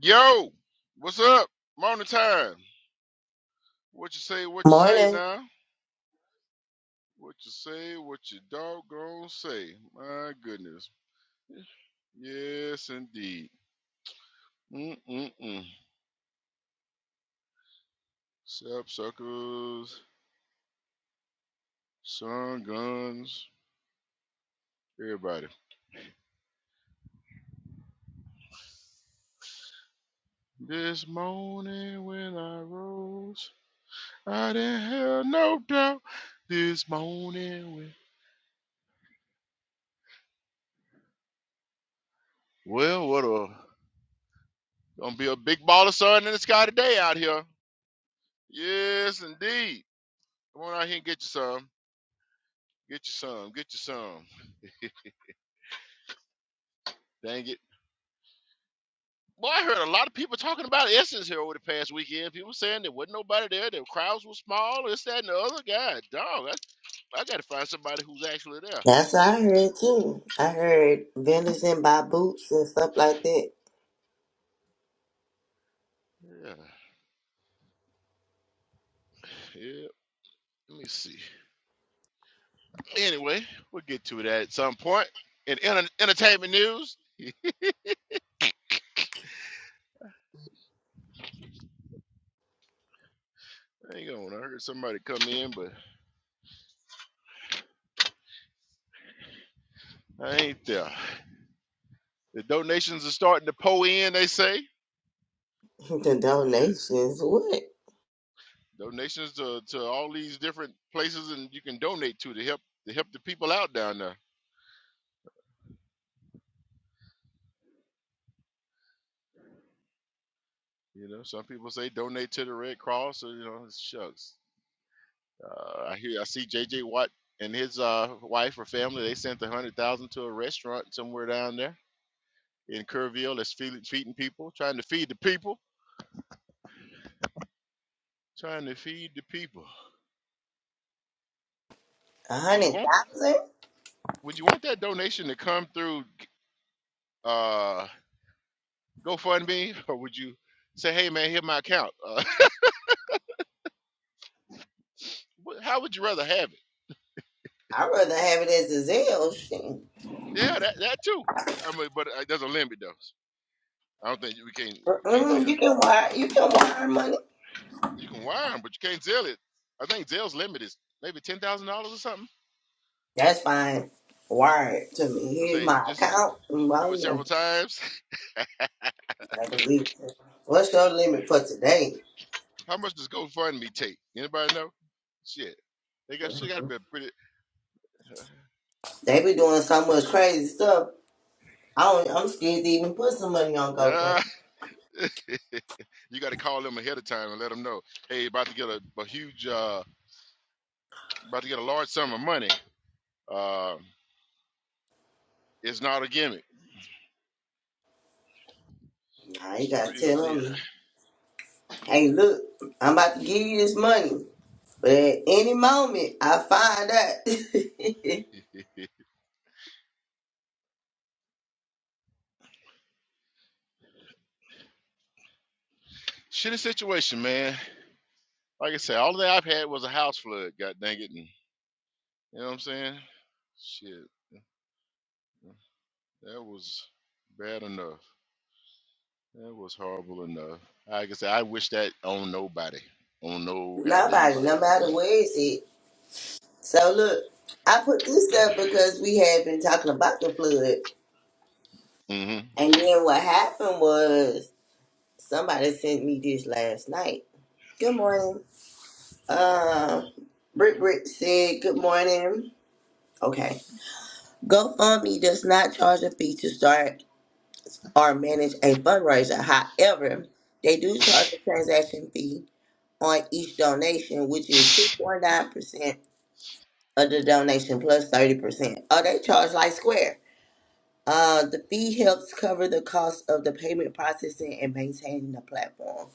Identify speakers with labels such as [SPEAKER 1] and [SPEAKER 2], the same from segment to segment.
[SPEAKER 1] Yo, what's up? Morning time. What you say, what you say
[SPEAKER 2] Morning.
[SPEAKER 1] now? What you say, what you doggone say. My goodness. Yes, indeed. Mm-mm-mm. Sap suckers, sun guns, everybody. This morning when I rose, I didn't have no doubt. This morning when... Well, what a... Gonna be a big ball of sun in the sky today out here. Yes, indeed. Come on out here and get you some. Get you some. Get you some. Dang it. Boy, I heard a lot of people talking about Essence here over the past weekend. People saying there wasn't nobody there, the crowds were small, this, that, and the other. God, dog, I, I got to find somebody who's actually there.
[SPEAKER 2] That's what I heard too. I heard vendors and buy boots and stuff like that.
[SPEAKER 1] Yeah, yeah. Let me see. Anyway, we'll get to that at some point. In enter- entertainment news, hang on. I heard somebody come in, but I ain't there. The donations are starting to pour in. They say.
[SPEAKER 2] the
[SPEAKER 1] Yeah.
[SPEAKER 2] donations, what?
[SPEAKER 1] Donations to, to all these different places and you can donate to to help to help the people out down there. You know, some people say donate to the Red Cross or you know, shucks. Uh, I hear I see J J. Watt and his uh, wife or family, they sent a hundred thousand to a restaurant somewhere down there in Kerrville that's feeding, feeding people, trying to feed the people, trying to feed the people.
[SPEAKER 2] A
[SPEAKER 1] Would you
[SPEAKER 2] hundred
[SPEAKER 1] want
[SPEAKER 2] thousand?
[SPEAKER 1] would you want that donation to come through uh GoFundMe or would you say, hey man, here's my account? Uh, how would you rather have it?
[SPEAKER 2] I'd rather have it as a Zelle. Shit.
[SPEAKER 1] Yeah, that that too. I mean, but uh, there's a limit though. I don't think you we can't you can't
[SPEAKER 2] Mm-mm,
[SPEAKER 1] zeal.
[SPEAKER 2] you can wire. You can wire money.
[SPEAKER 1] You can wire 'em, but you can't zeal it. I think zeal's limit is maybe ten thousand dollars or something.
[SPEAKER 2] That's fine. Wire it to me.
[SPEAKER 1] They'll
[SPEAKER 2] Here's
[SPEAKER 1] say
[SPEAKER 2] my
[SPEAKER 1] just
[SPEAKER 2] account. Mm, I
[SPEAKER 1] do it
[SPEAKER 2] don't
[SPEAKER 1] several
[SPEAKER 2] know.
[SPEAKER 1] times.
[SPEAKER 2] I believe. it. What's your limit for today?
[SPEAKER 1] How much does GoFundMe take? Anybody know? Shit, they got shit got to be a pretty.
[SPEAKER 2] They be doing so much crazy stuff. I don't, I'm scared to even put some money on GoFundMe.
[SPEAKER 1] Yeah, you got to call them ahead of time and let them know. Hey, about to get a, a huge, uh, about to get a large sum of money. Uh, it's not a gimmick.
[SPEAKER 2] Nah, you
[SPEAKER 1] It's the
[SPEAKER 2] gotta
[SPEAKER 1] real
[SPEAKER 2] tell tell
[SPEAKER 1] deal.
[SPEAKER 2] them. hey, look, I'm about to give you this money, but at any moment I find out,
[SPEAKER 1] Shitty situation, man. Like I said, all that I've had was a house flood, god dang it. And you know what I'm saying? Shit. That was bad enough. That was horrible enough. Like I said, I wish that on nobody. On no goddamn
[SPEAKER 2] nobody,
[SPEAKER 1] body.
[SPEAKER 2] no
[SPEAKER 1] You
[SPEAKER 2] matter
[SPEAKER 1] know.
[SPEAKER 2] where it's at. So look, I put this up because we had been talking about the flood,
[SPEAKER 1] Mm-hmm.
[SPEAKER 2] and then what happened was somebody sent me this last night. Good morning. Uh, Brick Brick said good morning. Okay. GoFundMe does not charge a fee to start or manage a fundraiser. However, they do charge a transaction fee on each donation, which is 2.9% of the donation 30%. Oh, they charge like Square. Uh, the fee helps cover the cost of the payment processing and maintaining the platform.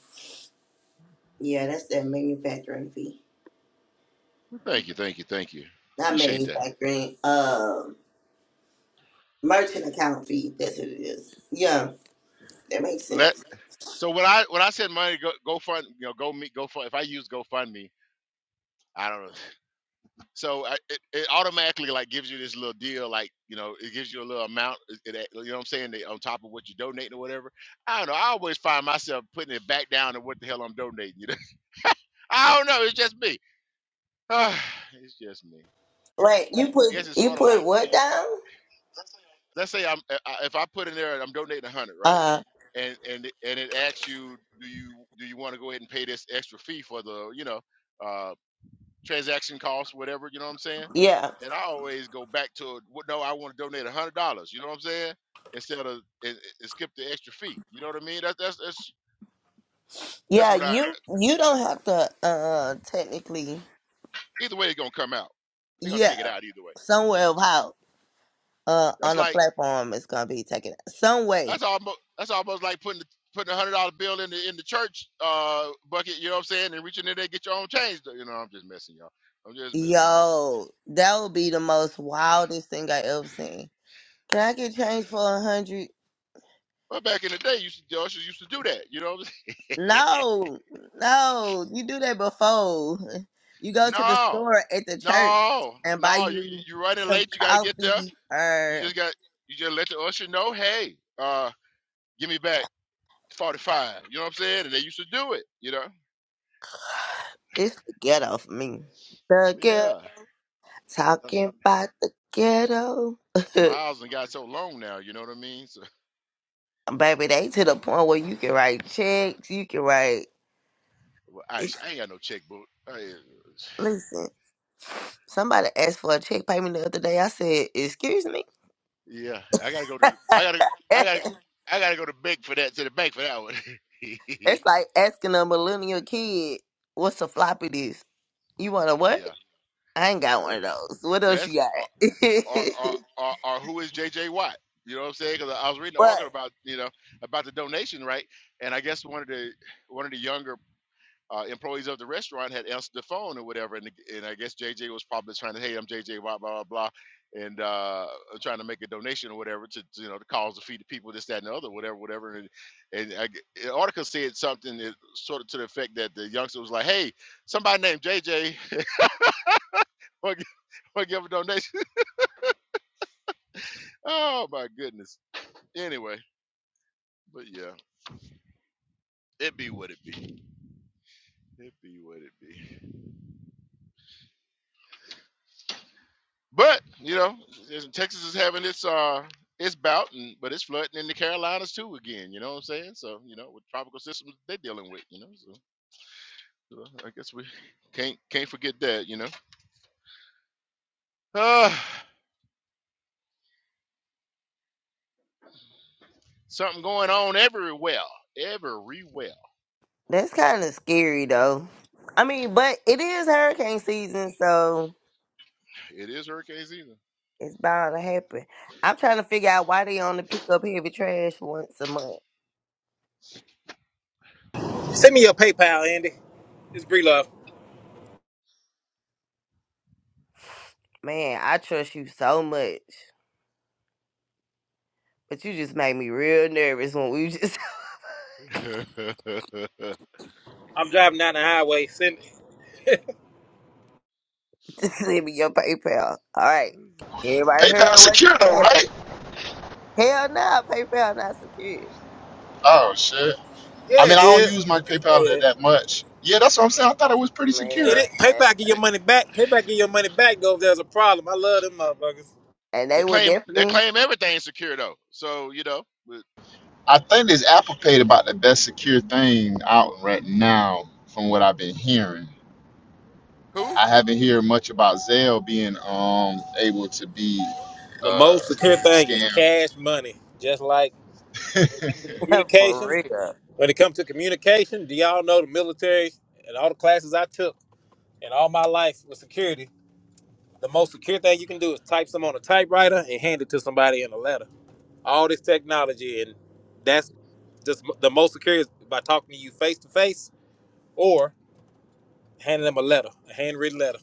[SPEAKER 2] Yeah, that's that manufacturing fee.
[SPEAKER 1] Well, thank you, thank you, thank you.
[SPEAKER 2] Not
[SPEAKER 1] Appreciate that.
[SPEAKER 2] manufacturing, um, merchant account fee. That's what it is. Yeah, that makes
[SPEAKER 1] Let
[SPEAKER 2] sense.
[SPEAKER 1] so when I when I said money go go fund you know go meet go fund if I use GoFundMe I don't know So I, it, it automatically like gives you this little deal, like you know, it gives you a little amount. It, it- you know what I'm saying? They, on top of what you're donating or whatever. I don't know. I always find myself putting it back down to what the hell I'm donating. You know? I don't know. It's just me. it's just me.
[SPEAKER 2] Wait, you
[SPEAKER 1] I guess
[SPEAKER 2] put
[SPEAKER 1] it's
[SPEAKER 2] you
[SPEAKER 1] sort of
[SPEAKER 2] put
[SPEAKER 1] like
[SPEAKER 2] what down?
[SPEAKER 1] let's say I'm I- I- if I put in there I'm donating a hundred, right?
[SPEAKER 2] Uh,
[SPEAKER 1] And and it- and it asks you, do you do you want to go ahead and pay this extra fee for the you know? Uh, transaction costs, whatever, you know what I'm saying?
[SPEAKER 2] yeah,
[SPEAKER 1] And I always go back to no, I want to donate a hundred dollars, you know what I'm saying? Instead of and, and skip the extra fee. You know what I mean? That's that's that's that's
[SPEAKER 2] yeah.
[SPEAKER 1] what I
[SPEAKER 2] You you don't have to uh technically.
[SPEAKER 1] either way it's gonna come out. They're gonna
[SPEAKER 2] Yeah,
[SPEAKER 1] take it out either way.
[SPEAKER 2] somewhere
[SPEAKER 1] Gotcha.
[SPEAKER 2] about. uh
[SPEAKER 1] That's
[SPEAKER 2] on a
[SPEAKER 1] like
[SPEAKER 2] platform is gonna be taken some way.
[SPEAKER 1] that's almost that's almost like putting the putting a hundred dollar bill in the in the church uh bucket, you know what I'm saying, and reaching in there and get your own change. You know, I'm just messing y'all. I'm just messing, I'm just messing.
[SPEAKER 2] Yo, that would be the most wildest thing I ever seen. Can I get change for a hundred?
[SPEAKER 1] but back in the day, you used to, ushers used to do that. You know what I'm saying?
[SPEAKER 2] No, no, you do that before. You go to the
[SPEAKER 1] No,
[SPEAKER 2] store at the church
[SPEAKER 1] no,
[SPEAKER 2] and buy
[SPEAKER 1] no. You
[SPEAKER 2] you
[SPEAKER 1] you're running
[SPEAKER 2] some
[SPEAKER 1] late. You got to get there.
[SPEAKER 2] coffee
[SPEAKER 1] You
[SPEAKER 2] or
[SPEAKER 1] just got you just let the usher know. Hey, uh, give me back forty five. You know what I'm saying? And they used to do it. You know?
[SPEAKER 2] it's the ghetto for me. The ghetto
[SPEAKER 1] Yeah. The,
[SPEAKER 2] talking about the ghetto.
[SPEAKER 1] the miles and got so long now. You know what I mean? So
[SPEAKER 2] Baby, they to the point where you can write checks, you can write
[SPEAKER 1] well, I I ain't got no checkbook. I,
[SPEAKER 2] listen. Somebody asked for a check payment the other day. I said, "Excuse me."
[SPEAKER 1] yeah, I gotta go to. I gotta. I gotta.
[SPEAKER 2] it's
[SPEAKER 1] I gotta go to bank for that. To the bank for that one.
[SPEAKER 2] like asking a millennial kid, "What's a floppy disk?" You want a what?
[SPEAKER 1] yeah.
[SPEAKER 2] I ain't got
[SPEAKER 1] Uh,
[SPEAKER 2] one of those. What else you
[SPEAKER 1] yes.
[SPEAKER 2] got?
[SPEAKER 1] Uh, or or or, or who is J. J. Watt? You know what I'm saying? Because I was reading an article
[SPEAKER 2] but
[SPEAKER 1] about you know about the donation, right? And I guess one of the one of the younger uh, employees of the restaurant had answered the phone or whatever, and and I guess J J. was probably trying to, hey, I'm J J Watt, blah blah blah, and uh, trying to make a donation or whatever to to, you know the cause to feed the people, this that and the other, whatever, whatever. And and I g the article said something that sort of to the effect that the youngster was like, hey, somebody named J J, want to give a donation? oh my goodness. Anyway. But yeah, it be what it be. It be what it be. But you know, there's- Texas is having its uh its bout, and but it's flooding in the Carolinas too again. You know what I'm saying? So you know, with tropical systems they're dealing with, you know. So, so I guess we can't can't forget that. You know, uh, something going on everywhere, everywhere.
[SPEAKER 2] that's kind of scary, though. I mean, but it is hurricane season, so
[SPEAKER 1] It is hurricane season.
[SPEAKER 2] it's bound to happen. I'm trying to figure out why they only pick up heavy trash once a month.
[SPEAKER 3] Send me your PayPal, Andy. It's Bree Love.
[SPEAKER 2] Man, I trust you so much, but you just made me real nervous when we just
[SPEAKER 3] I'm driving down the highway. Send
[SPEAKER 2] Just leave me your PayPal. All right. Everybody heard
[SPEAKER 4] PayPal
[SPEAKER 2] what you
[SPEAKER 4] secure though,
[SPEAKER 2] said.
[SPEAKER 4] right?
[SPEAKER 2] Hell no, PayPal not secure.
[SPEAKER 4] Oh shit. I
[SPEAKER 3] Yeah,
[SPEAKER 4] mean,
[SPEAKER 3] it
[SPEAKER 4] I don't
[SPEAKER 3] is.
[SPEAKER 4] use my PayPal that,
[SPEAKER 3] Yeah.
[SPEAKER 4] that much. Yeah, that's what I'm saying. I thought it was pretty
[SPEAKER 3] It
[SPEAKER 4] secure.
[SPEAKER 2] Man.
[SPEAKER 3] is. PayPal give your
[SPEAKER 1] they
[SPEAKER 3] money back. PayPal give your money back though if there's a problem. I love them motherfuckers.
[SPEAKER 2] And
[SPEAKER 1] they
[SPEAKER 2] they would
[SPEAKER 1] claim they
[SPEAKER 2] definitely
[SPEAKER 1] claim everything's secure though. So you know, but
[SPEAKER 4] I think this Apple Pay about the best secure thing out right now, from what I've been hearing.
[SPEAKER 1] who?
[SPEAKER 4] I haven't heard much about Zelle being um able to be
[SPEAKER 3] The most
[SPEAKER 4] uh
[SPEAKER 3] secure thing is
[SPEAKER 4] scammed.
[SPEAKER 3] cash money. Just like when it comes to
[SPEAKER 2] for
[SPEAKER 3] communication.
[SPEAKER 2] real.
[SPEAKER 3] When it comes to communication, do y'all know the military and all the classes I took and all my life with security? The most secure thing you can do is type some on a typewriter and hand it to somebody in a letter. all this technology, and that's just the most secure is by talking to you face to face or handing them a letter, a handwritten letter.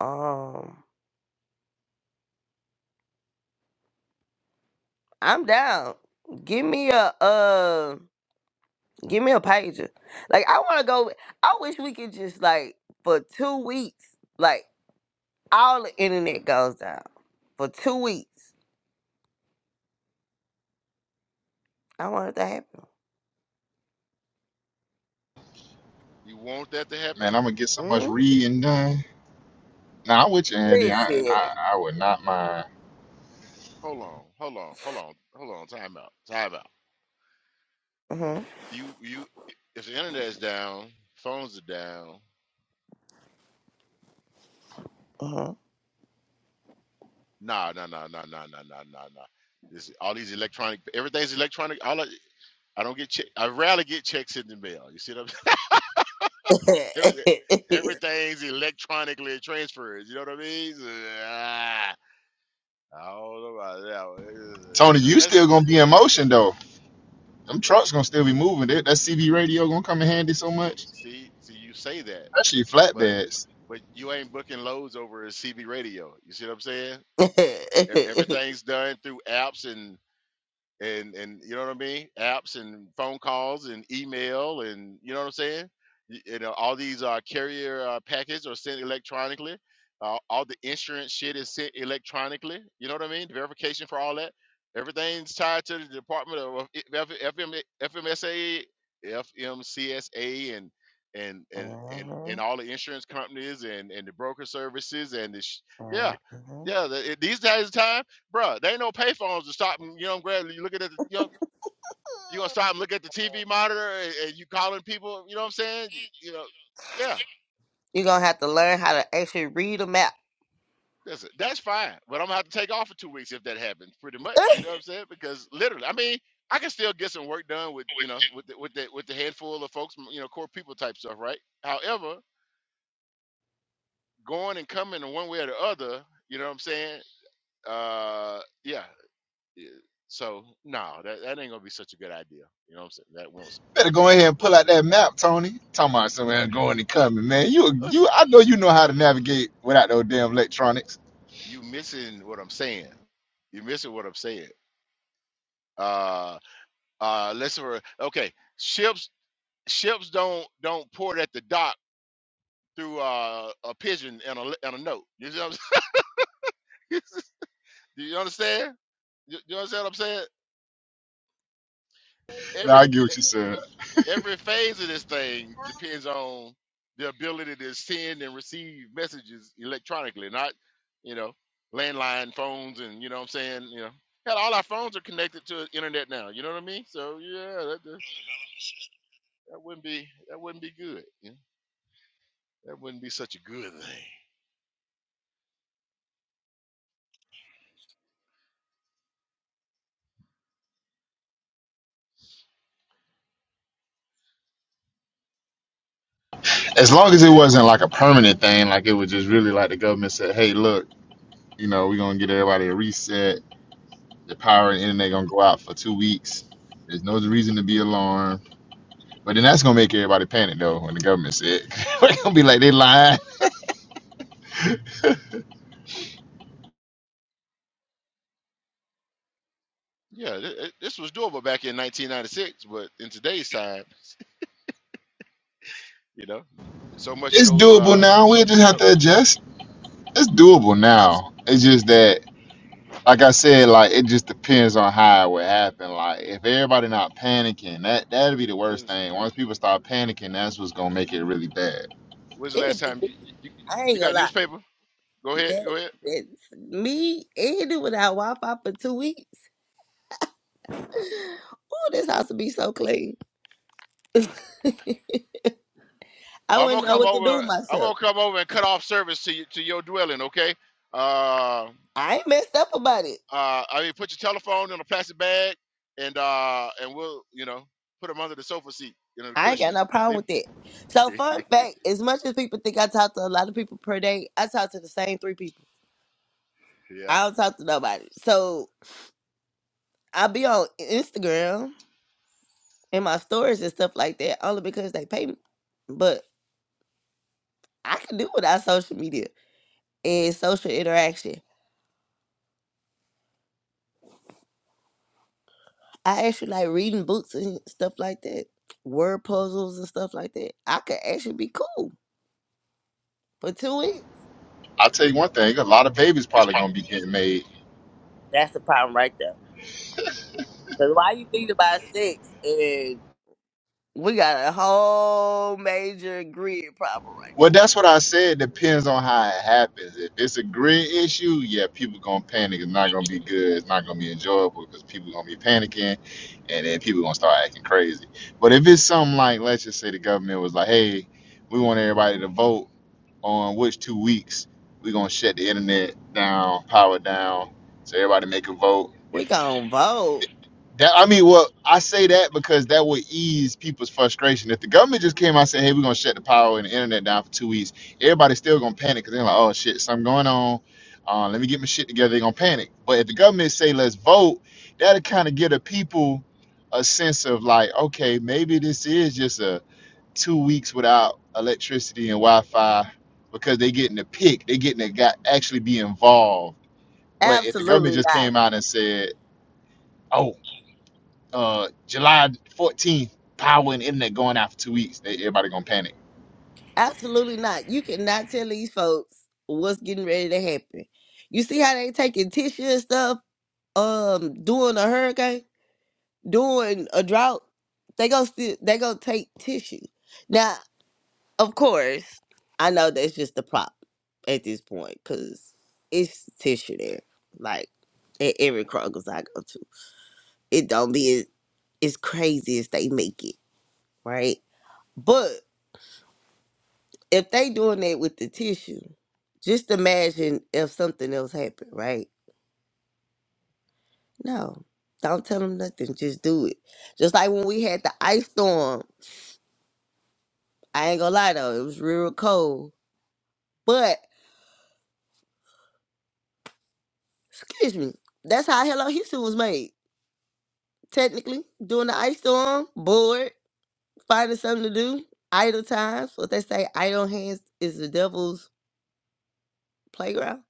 [SPEAKER 2] Um I'm down. Give me a uh give me a pager. Like I wanna go I wish we could just like for two weeks, like all the internet goes down. For two weeks. I want it to happen.
[SPEAKER 1] You want that to happen?
[SPEAKER 4] Man, I'm gonna get so much
[SPEAKER 2] Mm-hmm.
[SPEAKER 4] reading done. Nah, I'm with you, Andy. I,
[SPEAKER 2] Listen.
[SPEAKER 4] I I would not mind.
[SPEAKER 1] Hold on, hold on, hold on, hold on. Time out, time out.
[SPEAKER 2] Mm-hmm.
[SPEAKER 1] You, you. If the internet's down, phones are down. Nah, nah, nah, nah, nah, nah, nah, nah, nah. This all these electronic. Everything's electronic. All I, I don't get. Che- I rarely get checks in the mail. You see what I'm saying? Everything,
[SPEAKER 2] Mm-hmm.
[SPEAKER 1] everything's electronically transferred. You know what I mean? So, ah, I don't know about that. one. It's- it's-
[SPEAKER 4] Tony,
[SPEAKER 1] uh,
[SPEAKER 4] you
[SPEAKER 1] Let's
[SPEAKER 4] still gonna be in motion though. Them trucks gonna still be moving. That, that CB radio gonna come in handy so
[SPEAKER 1] see,
[SPEAKER 4] much.
[SPEAKER 1] see, see. You say that,
[SPEAKER 4] Especially
[SPEAKER 1] but
[SPEAKER 4] flatbeds.
[SPEAKER 1] but you ain't booking loads over at CB Radio. You see what I'm saying?
[SPEAKER 2] hmm
[SPEAKER 1] E- Everything's done through apps and and and you know what I mean? Apps and phone calls and email and you know what I'm saying? Y- You know, all these uh, carrier uh, packages are sent electronically. Uh, all the insurance shit is sent electronically. You know what I mean? The verification for all that. Everything's tied to the Department of uh, F- F- FM, FMSA, FMCSA, and and and and and
[SPEAKER 2] hmm
[SPEAKER 1] all the insurance companies and and the broker services and the sh- yeah yeah the, it- these days times Bruh, there ain't no payphones to stop and, you know, grab, you looking at the, you know, you gonna stop and look at the TV monitor and, and you calling people, you know what I'm saying? You, you know, yeah,
[SPEAKER 2] You're gonna have to learn how to actually read a map.
[SPEAKER 1] listen, that's fine. But I'm gonna have to take off for two weeks if that happens, pretty much. You know what I'm saying? Because literally, I mean, I can still get some work done with, you know, with the, with the with the handful of folks, you know, core people type stuff, right? However, going and coming in one way or the other, you know what I'm saying? Uh, yeah. yeah. So no, that, that ain't gonna be such a good idea. You know what I'm saying? That won't.
[SPEAKER 4] Better go ahead and pull out that map, Tony. Talking about somewhere going and coming, man. You, you,
[SPEAKER 1] Listen,
[SPEAKER 4] I know you know how to navigate without those damn electronics.
[SPEAKER 1] you missing what I'm saying. You're missing what I'm saying. Uh uh listen for okay. Ships ships don't don't port at the dock through uh a pigeon and a le- and a note. You see what I'm saying? Do you understand? You, you understand what I'm saying?
[SPEAKER 4] No,
[SPEAKER 1] Every
[SPEAKER 4] I get what you
[SPEAKER 1] e-
[SPEAKER 4] said.
[SPEAKER 1] every phase of this thing depends on the ability to send and receive messages electronically, not, you know, landline phones and you know what I'm saying, you know. Hell, all our phones are connected to the internet now. You know what I mean? So yeah, that wouldn't be that wouldn't be good. You know? That wouldn't be such a good thing.
[SPEAKER 4] As
[SPEAKER 1] Hell,
[SPEAKER 4] long as it wasn't like a permanent thing, like it was just really like the government said, hey, look, you know, we're gonna get everybody a reset. The power and internet gonna go out for two weeks. There's no reason to be alarmed. But then that's gonna make everybody panic though when the government said we're gonna be like they lying.
[SPEAKER 1] yeah, th- th- this was doable back in 1996, but in today's time, you know, so much
[SPEAKER 4] It's
[SPEAKER 1] goes.
[SPEAKER 4] doable
[SPEAKER 1] Uh,
[SPEAKER 4] now. We just have
[SPEAKER 1] so
[SPEAKER 4] to adjust. It's doable
[SPEAKER 1] let's see.
[SPEAKER 4] now. It's just that like I said, like it just depends on how it would happen. Like if everybody not panicking, that that'd be the worst
[SPEAKER 1] When's
[SPEAKER 4] thing. Once people start panicking, that's what's gonna make it really bad.
[SPEAKER 1] when's the
[SPEAKER 2] It'll
[SPEAKER 1] last
[SPEAKER 2] be
[SPEAKER 1] time
[SPEAKER 2] me.
[SPEAKER 1] you you, you
[SPEAKER 2] I ain't gonna
[SPEAKER 1] got
[SPEAKER 2] lie.
[SPEAKER 1] newspaper? Go ahead,
[SPEAKER 2] That
[SPEAKER 1] go ahead.
[SPEAKER 2] that's me and it without Wi Fi for two weeks. Oh, this house will be so clean. I
[SPEAKER 1] Oh, I'm gonna
[SPEAKER 2] wouldn't know
[SPEAKER 1] come
[SPEAKER 2] what to do
[SPEAKER 1] over.
[SPEAKER 2] with
[SPEAKER 1] I'm gonna
[SPEAKER 2] myself.
[SPEAKER 1] come over and cut off service to you, to your dwelling. Okay. Uh,
[SPEAKER 2] I ain't messed up about it.
[SPEAKER 1] uh, I mean, put your telephone in a plastic bag, and uh, and we'll you know put them under the sofa seat, you know, the
[SPEAKER 2] I ain't got
[SPEAKER 1] cushion.
[SPEAKER 2] no problem
[SPEAKER 1] Leave.
[SPEAKER 2] with it. So fun fact, as much as people think I talk to a lot of people per day, I talk to the same three people.
[SPEAKER 1] yeah.
[SPEAKER 2] I don't talk to nobody. So I be on Instagram in my stories and stuff like that only because they pay me. But I can do without social media and social interaction. I actually like reading books and stuff like that, word puzzles and stuff like that. I could actually be cool for two weeks.
[SPEAKER 4] I'll tell you one thing: a lot of babies probably gonna be getting made.
[SPEAKER 2] That's the problem right there. Because why you thinking about sex and we got a whole major grid problem right now.
[SPEAKER 4] Well, that's what I said. Depends on how it happens. If it's a grid issue, yeah, people gonna panic. It's not gonna be good. It's not gonna be enjoyable because people gonna be panicking, and then people gonna start acting crazy. But if it's something like, let's just say the government was like, hey, we want everybody to vote on which two weeks we're gonna shut the internet down, power down, so everybody make a vote.
[SPEAKER 2] We gonna vote?
[SPEAKER 4] That I mean, well, I say that because that would ease people's frustration. If the government just came out and said, "Hey, we're gonna shut the power and the internet down for two weeks," everybody's still gonna panic because they're like, "Oh shit, something going on." Uh, let me get my shit together. They're gonna panic. But if the government say, "Let's vote," that'll kind of give the people a sense of like, okay, maybe this is just a two weeks without electricity and Wi-Fi because they getting to pick, they getting to got actually be involved. But if the government
[SPEAKER 2] Absolutely
[SPEAKER 4] just
[SPEAKER 2] not.
[SPEAKER 4] came out and said, "Oh, uh, July 14th, power and internet going out for two weeks," they, everybody gonna panic.
[SPEAKER 2] Absolutely not. You cannot tell these folks what's getting ready to happen. You see how they taking tissue and stuff, um, during a hurricane, during a drought. They go still they gonna take tissue. Now, of course, I know that's just a prop at this point, cause it's tissue there. Like at every Kroger's I go to. It don't be as, as crazy as they make it, right? But. if they doing that with the tissue, just imagine if something else happened, right? No, don't tell them nothing. Just do it. Just like when we had the ice storm. I ain't gonna lie though, it was real cold. But excuse me, that's how Hello Houston was made. Technically, during the ice storm, bored, finding something to do, idle times. What they say, idle hands is the devil's playground,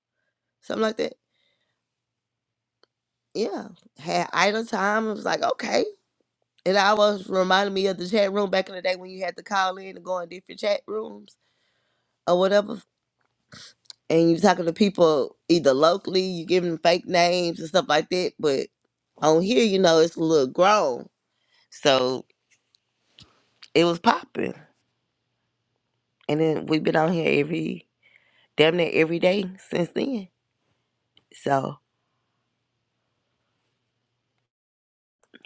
[SPEAKER 2] something like that. Yeah, had idle time. It was like okay. And I was reminded me of the chat room back in the day when you had to call in and go in different chat rooms or whatever. And you talking to people either locally, you giving them fake names and stuff like that. But on here, you know, it's a little grown. So it was popping. And then we've been on here every, damn near every day since then. So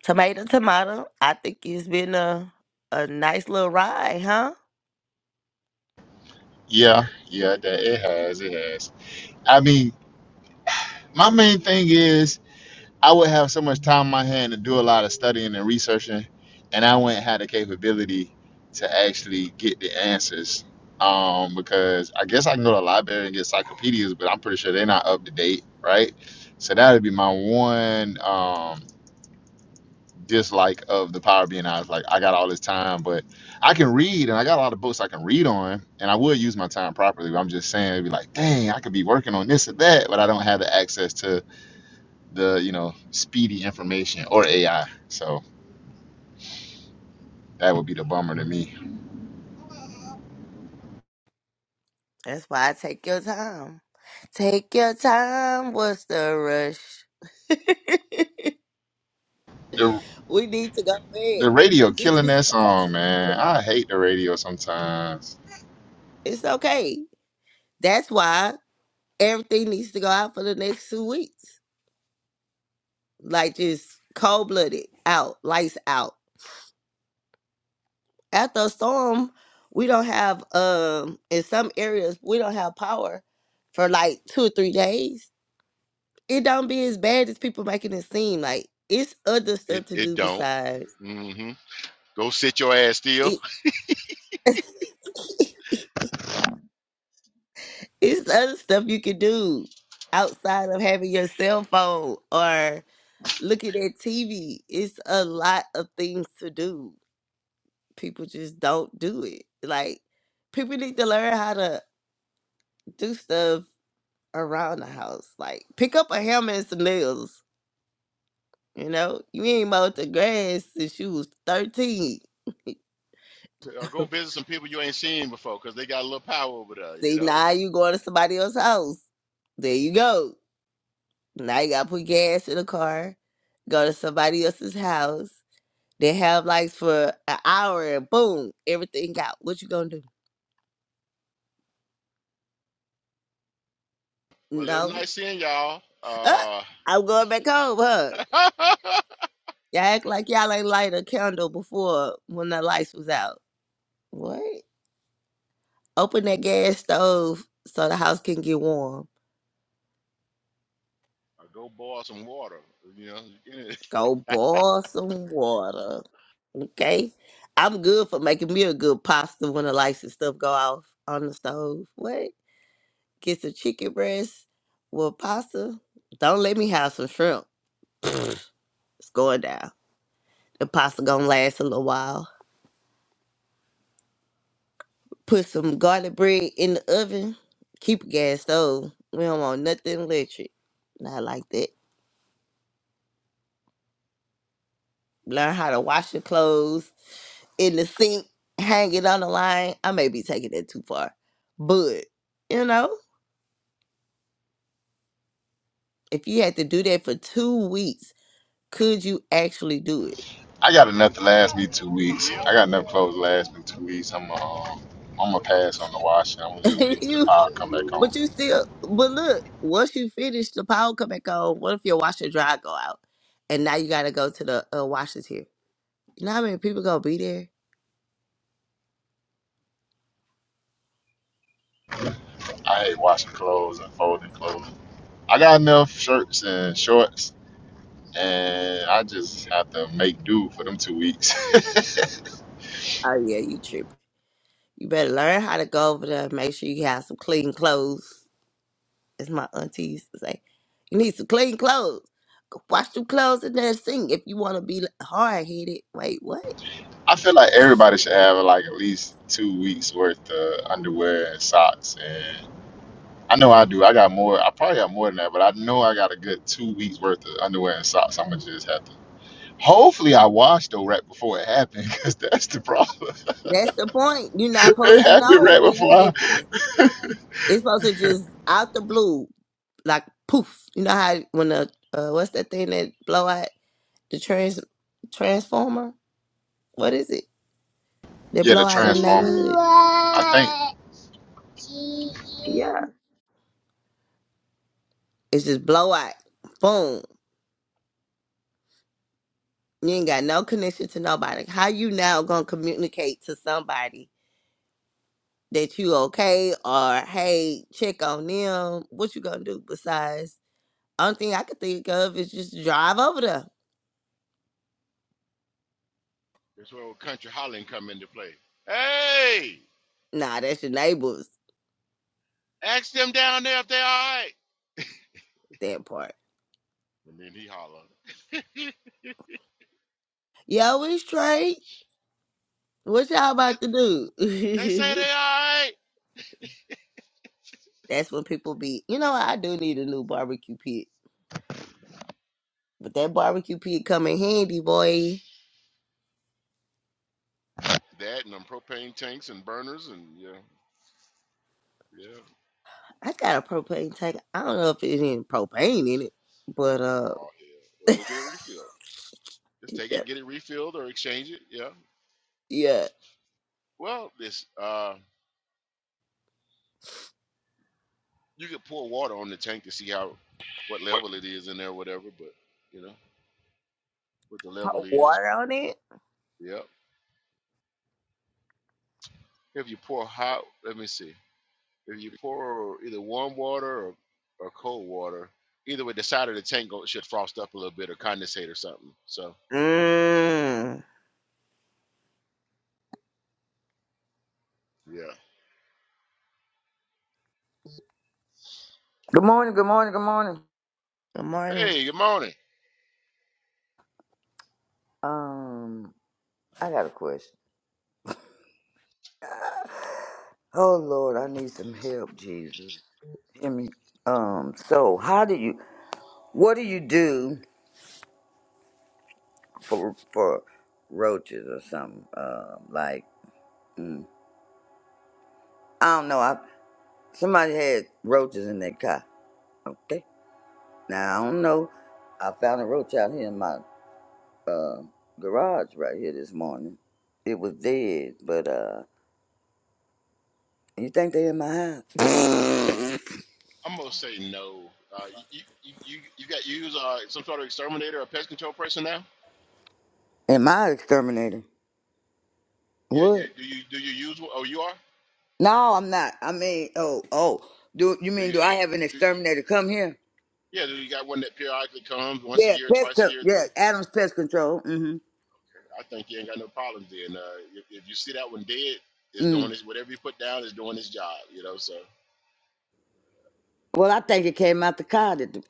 [SPEAKER 2] tomato, tomato, I think it's been a, a nice little ride, huh?
[SPEAKER 4] Yeah, yeah, that, it has, it has. I mean, my main thing is I would have so much time in my hand to do a lot of studying and researching, and I wouldn't have the capability to actually get the answers. Um, because I guess I can go to the library and get encyclopedias, but I'm pretty sure they're not up to date, right? So that would be my one um, dislike of the power being was Like I got all this time, but I can read, and I got a lot of books I can read on, and I would use my time properly. But I'm just saying, it'd be like, dang, I could be working on this or that, but I don't have the access to the you know speedy information or AI. So that would be the bummer to me.
[SPEAKER 2] That's why I take your time. Take your time. What's the rush?
[SPEAKER 4] The
[SPEAKER 2] We need to go back.
[SPEAKER 4] the radio
[SPEAKER 2] Get
[SPEAKER 4] killing
[SPEAKER 2] you
[SPEAKER 4] that
[SPEAKER 2] some
[SPEAKER 4] song,
[SPEAKER 2] actual books.
[SPEAKER 4] man. I hate the radio sometimes.
[SPEAKER 2] It's okay. That's why everything needs to go out for the next two weeks. Like just cold blooded out, lights out. After a storm, we don't have um in some areas we don't have power for like two or three days. It don't be as bad as people making it seem. Like it's other
[SPEAKER 1] It
[SPEAKER 2] stuff to
[SPEAKER 1] it
[SPEAKER 2] do
[SPEAKER 1] don't.
[SPEAKER 2] besides
[SPEAKER 1] hmm Go sit your ass still,
[SPEAKER 2] it. it's other stuff you can do outside of having your cell phone or Look at that TV. It's a lot of things to do. People just don't do it. Like people need to learn how to do stuff around the house. Like pick up a hammer and some nails. You know, you ain't mowed the grass since you was thirteen.
[SPEAKER 1] or go visit some people you ain't seen before, 'cause they got a little power over there. You
[SPEAKER 2] See,
[SPEAKER 1] know.
[SPEAKER 2] now you going to somebody else's house. There you go. Now you gotta put gas in the car, go to somebody else's house. They have lights for an hour and boom, everything out. What you gonna do?
[SPEAKER 1] Well, it was
[SPEAKER 2] No.
[SPEAKER 1] nice seeing y'all.
[SPEAKER 2] Uh,
[SPEAKER 1] Uh,
[SPEAKER 2] I'm going back home, huh? Y'all act like y'all ain't light a candle before when the lights was out. What? Open that gas stove so the house can get warm.
[SPEAKER 1] or go boil some water. You know.
[SPEAKER 2] Go
[SPEAKER 1] yep.
[SPEAKER 2] boil some water. Okay? I'm good for making me a good pasta when the lights and stuff go off on the stove. What? Get some chicken breast with pasta. Don't let me have some shrimp. It's going down. The pasta gonna last a little while. Put some garlic bread in the oven. Keep a gas stove. We don't want nothing electric. Not like that. Learn how to wash your clothes in the sink. Hang it on the line. I may be taking that too far. But, you know, if you had to do that for two weeks, could you actually do
[SPEAKER 4] I got enough to last me two weeks. I got enough clothes to last me two weeks. I'm um, I'm gonna pass on the washing. I'm gonna just
[SPEAKER 2] it?
[SPEAKER 4] wait till the
[SPEAKER 2] you
[SPEAKER 4] power come back on.
[SPEAKER 2] but you still but look, once you finish the power come back on, what if your washer and dryer go out? And now you gotta go to the uh, washers here. You know how many people gonna be there?
[SPEAKER 4] I hate washing clothes and folding clothes. I got enough shirts and shorts, and I just have to make do for them two weeks.
[SPEAKER 2] Oh yeah, you tripping. You better learn how to go over there and make sure you have some clean clothes, as my auntie used to say. You need some clean clothes. Go Wash your clothes in there Sink if you want to be hard headed. Wait, what?
[SPEAKER 4] I feel like everybody should have like at least two weeks worth of underwear and socks. And I know I do. I got more. I probably got more than that, but I know I got a good two weeks worth of underwear and socks. I'm gonna just have to. Hopefully, I washed though right before it happened, because that's the problem.
[SPEAKER 2] That's the point. You're not
[SPEAKER 4] it
[SPEAKER 2] supposed to
[SPEAKER 4] happened
[SPEAKER 2] know
[SPEAKER 4] right
[SPEAKER 2] when it
[SPEAKER 4] before.
[SPEAKER 2] happened.
[SPEAKER 4] I...
[SPEAKER 2] It's supposed to just out the blue, like poof. You know how when the uh, what's that thing that blow out the trans transformer? What is it? That
[SPEAKER 4] Yeah,
[SPEAKER 2] blow
[SPEAKER 4] the
[SPEAKER 2] out in the
[SPEAKER 4] transformer.
[SPEAKER 2] neighborhood?
[SPEAKER 4] I think
[SPEAKER 2] Yeah, it's just blow out. Boom. You ain't got no connection to nobody. How you now gonna communicate to somebody that you okay or hey, check on them? What you gonna do besides? Only thing I could think of is just drive over there.
[SPEAKER 1] That's where old country hollering come into play. Hey,
[SPEAKER 2] Nah, that's your neighbors.
[SPEAKER 1] ask them down there if they all right.
[SPEAKER 2] That part.
[SPEAKER 1] And then he holler.
[SPEAKER 2] Yo, we straight. What y'all
[SPEAKER 1] They,
[SPEAKER 2] about to
[SPEAKER 1] they say they
[SPEAKER 2] do?
[SPEAKER 1] all right.
[SPEAKER 2] that's when people be. You know, what? I do need a new barbecue pit, but that barbecue pit come in handy, boy.
[SPEAKER 1] That and them propane tanks and burners and yeah, yeah.
[SPEAKER 2] I got a propane tank. I don't know if it's any propane in it, but uh.
[SPEAKER 1] Oh yeah. Well, go get it refilled. Just take it, get it refilled, or exchange it. Yeah.
[SPEAKER 2] Yeah.
[SPEAKER 1] Well, this uh, you could pour water on the tank to see how what level it is in there, whatever. But you know what the
[SPEAKER 2] Put
[SPEAKER 1] level is.
[SPEAKER 2] water on it.
[SPEAKER 1] But, yep. If you pour hot, let me see. If you pour either warm water or, or cold water, either way, the side of the tank go- should frost up a little bit or condensate or something. So
[SPEAKER 2] Mmm.
[SPEAKER 1] yeah.
[SPEAKER 5] Good morning, good morning, good morning.
[SPEAKER 2] Good morning.
[SPEAKER 1] Hey, good morning.
[SPEAKER 5] Um, I got a question. Oh Lord, I need some help, Jesus. Hear me. Um, so how do you what do you do for for roaches or something? Um, like mm, I don't know, I somebody had roaches in their car. Okay. Now I don't know. I found a roach out here in my uh, garage right here this morning. It was dead, but uh you think they in my house?
[SPEAKER 1] I'm gonna say no. Uh, you, you you you got you use uh, some sort of exterminator or pest control person now?
[SPEAKER 5] Am I exterminator?
[SPEAKER 1] Yeah.
[SPEAKER 5] What?
[SPEAKER 1] Do, do you do you use one? Oh, you are.
[SPEAKER 5] No, I'm not. I mean, oh, oh. Do you
[SPEAKER 1] Do
[SPEAKER 5] mean
[SPEAKER 1] you,
[SPEAKER 5] do I have an
[SPEAKER 1] do you-
[SPEAKER 5] exterminator come here?
[SPEAKER 1] yeah, do you got one that periodically comes once a
[SPEAKER 5] Yeah,
[SPEAKER 1] year,
[SPEAKER 5] pest.
[SPEAKER 1] twice a
[SPEAKER 5] Co-
[SPEAKER 1] year?
[SPEAKER 5] yeah,
[SPEAKER 1] three?
[SPEAKER 5] Adams Pest Control. Mm-hmm.
[SPEAKER 1] I think you ain't got no problems then. Uh, if, if you see that one dead, it's
[SPEAKER 5] Mm.
[SPEAKER 1] doing its whatever you put down is doing its job. You know, so
[SPEAKER 5] Well, I think it came out the car. That the-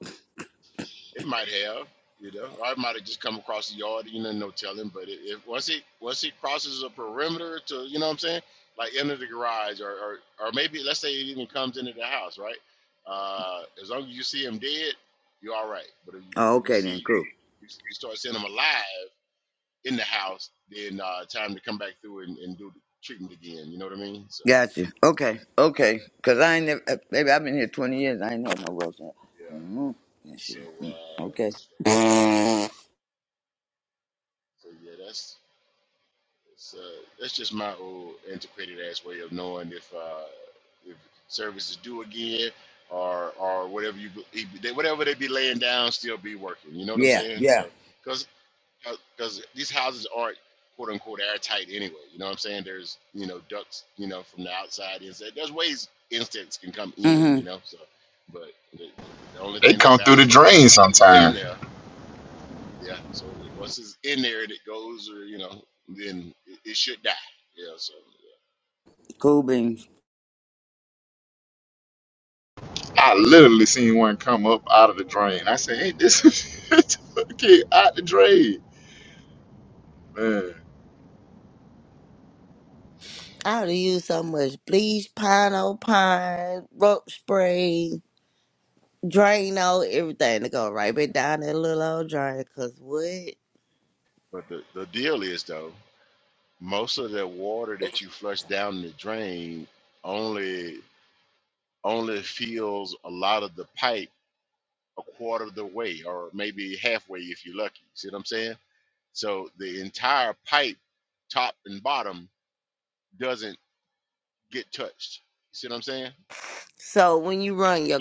[SPEAKER 1] it might have. You know, or it might have just come across the yard. You know, no telling. But it, if once it once it crosses a perimeter to, you know what I'm saying, like into the garage or or, or maybe let's say it even comes into the house, right? Uh, as long as you see him dead, you're all right. But if you, but
[SPEAKER 5] oh,
[SPEAKER 1] if you
[SPEAKER 5] okay
[SPEAKER 1] see
[SPEAKER 5] then.
[SPEAKER 1] you,
[SPEAKER 5] Cool.
[SPEAKER 1] you start seeing them alive, in the house, then uh, time to come back through and, and do the treatment again. You know what I mean? So
[SPEAKER 5] Got you. Okay, okay. Cause I ain't never. uh, Baby, I've been here 20 years. I ain't know no roads.
[SPEAKER 1] yeah.
[SPEAKER 5] Mm-hmm. Yeah,
[SPEAKER 1] So
[SPEAKER 5] shit. Mm.
[SPEAKER 1] uh,
[SPEAKER 5] Okay.
[SPEAKER 1] so yeah, that's that's, uh, that's just my old antiquated ass way of knowing if uh, if services do again or or whatever you if they, whatever they be laying down still be working. You know what I'm
[SPEAKER 5] Yeah,
[SPEAKER 1] saying?
[SPEAKER 5] yeah.
[SPEAKER 1] So. because. because these houses aren't quote unquote airtight anyway. You know what I'm saying? There's you know ducts you know from the outside inside. There's ways insects can come in.
[SPEAKER 5] Mm-hmm.
[SPEAKER 1] You know, so but the, the, the only
[SPEAKER 4] they
[SPEAKER 1] thing that
[SPEAKER 4] come through
[SPEAKER 1] matters
[SPEAKER 4] the
[SPEAKER 1] is if,
[SPEAKER 4] drain
[SPEAKER 1] if it's in
[SPEAKER 4] sometime.
[SPEAKER 1] there. Yeah. So once it's in there and it goes or you know then it, it should die. Yeah. So yeah.
[SPEAKER 5] Cool beans.
[SPEAKER 4] I literally seen one come up out of the drain. I said, "Hey, this is kid out the drain, man."
[SPEAKER 2] I would have used so much bleach, pino pine, rope spray, Drano, everything to go right back down that little old drain. Cause what?
[SPEAKER 1] but the the deal is though most of the water that you flush down the drain only only fills a lot of the pipe a quarter of the way or maybe halfway if you're lucky. See what I'm saying? So the entire pipe, top and bottom, doesn't get touched. See what I'm saying?
[SPEAKER 2] So when you run your,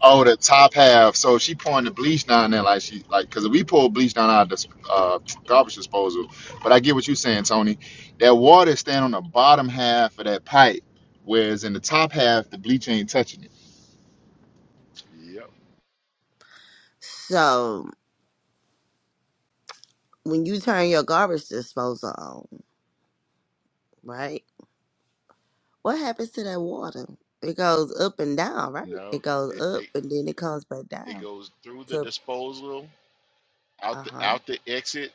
[SPEAKER 4] Oh, the top half. So she pouring the bleach down there, like she like because we pour bleach down our of uh, garbage disposal. But I get what you're saying, Tony. That water is staying on the bottom half of that pipe, whereas in the top half, the bleach ain't touching it.
[SPEAKER 1] Yep.
[SPEAKER 2] so when you turn your garbage disposal on, right? What happens to that water? It goes up and down, right?
[SPEAKER 1] No,
[SPEAKER 2] It goes
[SPEAKER 1] it,
[SPEAKER 2] up
[SPEAKER 1] it,
[SPEAKER 2] and then it comes back
[SPEAKER 1] it
[SPEAKER 2] down
[SPEAKER 1] goes through the
[SPEAKER 2] to,
[SPEAKER 1] disposal, out
[SPEAKER 2] uh
[SPEAKER 1] the
[SPEAKER 2] huh,
[SPEAKER 1] out the exit,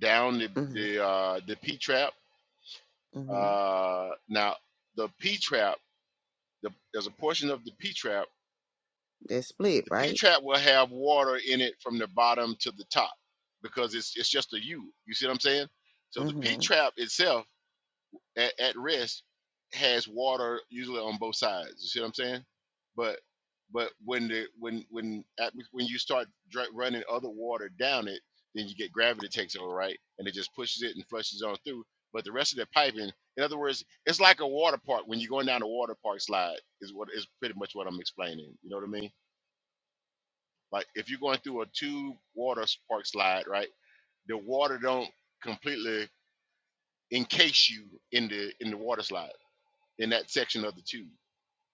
[SPEAKER 1] down the
[SPEAKER 2] mm-hmm,
[SPEAKER 1] the uh, the P trap.
[SPEAKER 2] mm-hmm.
[SPEAKER 1] Uh, now the P trap, the, there's a portion of the P trap
[SPEAKER 2] They split,
[SPEAKER 1] the P
[SPEAKER 2] right?
[SPEAKER 1] trap will have water in it from the bottom to the top because it's it's just a U. You see what I'm saying? So the P
[SPEAKER 2] hmm
[SPEAKER 1] trap itself at, at rest has water usually on both sides. You see what I'm saying? But but when the when when at, when you start dra- running other water down it, then you get gravity takes over, right? And it just pushes it and flushes on through. But the rest of the piping, in other words, it's like a water park when you're going down a water park slide. Is what is pretty much what I'm explaining. You know what I mean? Like if you're going through a tube water park slide, right? The water don't completely encase you in the in the water slide in that section of the tube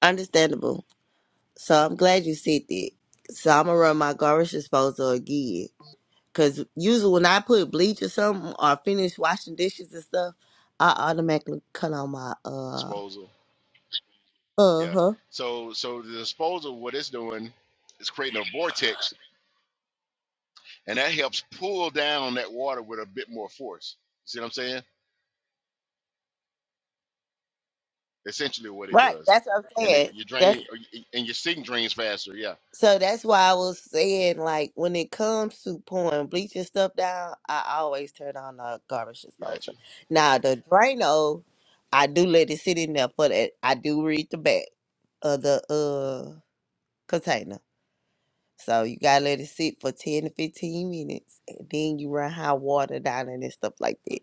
[SPEAKER 2] Understandable. So I'm glad you said that. So I'm gonna run my garbage disposal again. Cause usually when I put bleach or something or finish washing dishes and stuff, I automatically cut on my uh
[SPEAKER 1] disposal.
[SPEAKER 2] uh
[SPEAKER 1] Yeah.
[SPEAKER 2] huh.
[SPEAKER 1] So so the disposal, what it's doing is creating a vortex, and that helps pull down that water with a bit more force. See what I'm saying? Essentially, what it
[SPEAKER 2] Right.
[SPEAKER 1] does,
[SPEAKER 2] That's what I'm
[SPEAKER 1] and it,
[SPEAKER 2] saying.
[SPEAKER 1] you
[SPEAKER 2] That's
[SPEAKER 1] drain or y- and your sink drains faster. Yeah,
[SPEAKER 2] so that's why I was saying like when it comes to pouring bleach and stuff down, I always turn on the garbage
[SPEAKER 1] got you.
[SPEAKER 2] disposal. Now the Drano, I do let it sit in there, but it, I do read the back of the uh, container. So you gotta let it sit for ten to fifteen minutes, and then you run hot water down it and stuff like that,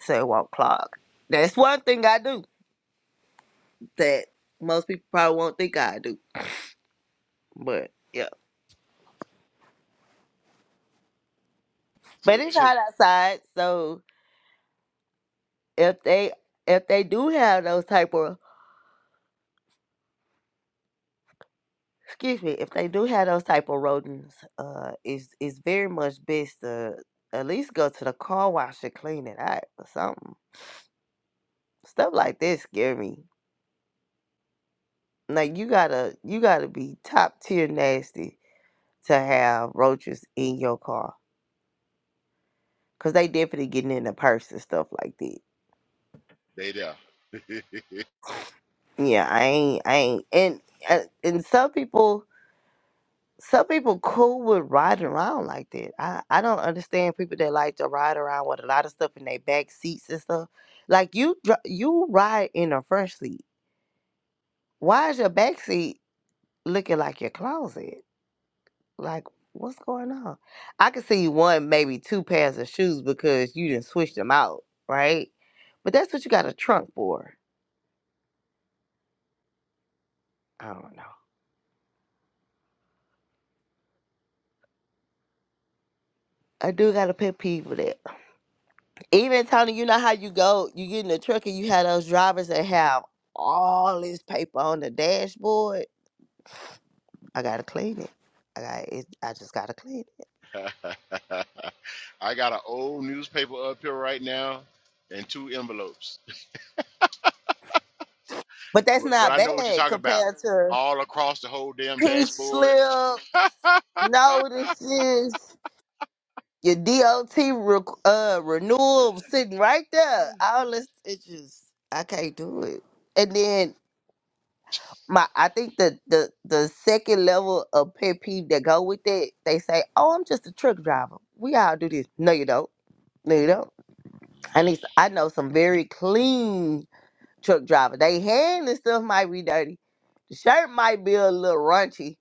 [SPEAKER 2] so it won't clog. That's one thing I do that most people probably won't think I do, but yeah. But
[SPEAKER 1] To
[SPEAKER 2] it's
[SPEAKER 1] to
[SPEAKER 2] hot outside, so if they if they do have those type of excuse me, if they do have those type of rodents, uh, it's it's very much best to at least go to the car wash and clean it out or something. Stuff like this scare me like you gotta you gotta be top tier nasty to have roaches in your car because they definitely getting in the purse and stuff like that
[SPEAKER 1] they there.
[SPEAKER 2] yeah i ain't i ain't and uh, and some people some people cool with riding around like that i i don't understand people that like to ride around with a lot of stuff in their back seats and stuff like you dri- you ride in the front seat why is your back seat looking like your closet Like, what's going on? I could see one, maybe two pairs of shoes because you didn't switch them out, right? But that's what you got a trunk for. I don't know. I do got to pet peeve with it. Even Tony, you know how you go, you get in the truck and you have those drivers that have all this paper on the dashboard. I gotta clean it. I got it. I just gotta clean it.
[SPEAKER 1] I got an old newspaper up here right now and two envelopes.
[SPEAKER 2] But that's
[SPEAKER 1] But, but
[SPEAKER 2] not
[SPEAKER 1] I know what you're
[SPEAKER 2] bad
[SPEAKER 1] talking about.
[SPEAKER 2] compared to
[SPEAKER 1] All across the whole damn
[SPEAKER 2] peach
[SPEAKER 1] dashboard.
[SPEAKER 2] slip notices. Your DOT re- uh, renewal sitting right there. All this, it just I can't do it. And then my, I think the the the second level of pet peeve that go with that, they say, "Oh, I'm just a truck driver. We all do this." No, you don't. No, you don't. I need. I know some very clean truck driver. They hand and stuff might be dirty. The shirt might be a little raunchy,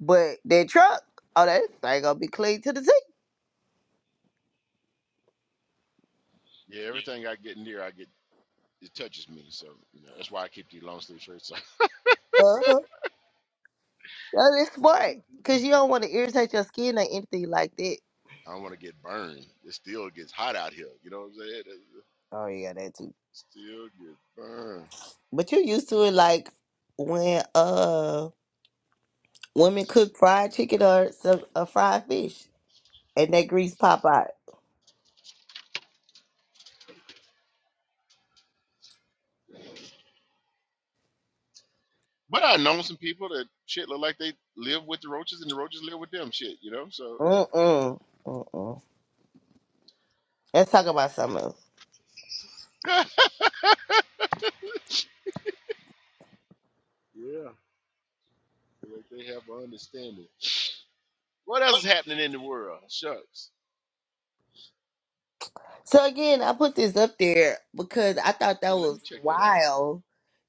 [SPEAKER 2] but their truck, oh, that thing gonna be clean to the
[SPEAKER 1] Yeah, everything I get near, I get it touches me. So you know, that's why I keep these long sleeve shirts. on.
[SPEAKER 2] T. Oh, that's smart. Cause you don't want to irritate your skin or anything like that.
[SPEAKER 1] I don't want to get burned. It still gets hot out here. You know what I'm saying? It
[SPEAKER 2] Oh yeah, that too.
[SPEAKER 1] still gets burned.
[SPEAKER 2] But you used to it like when uh women cook fried chicken or some a fried fish and that grease pop out.
[SPEAKER 1] But I know some people that shit look like they live with the roaches and the roaches live with them shit, you know? So,
[SPEAKER 2] Mm mm. Mm mm. Let's talk about something else.
[SPEAKER 1] yeah, like they have an understanding. What else is happening in the world? Shucks.
[SPEAKER 2] So again, I put this up there because I thought that
[SPEAKER 1] Yeah, let
[SPEAKER 2] was
[SPEAKER 1] me check that out.
[SPEAKER 2] wild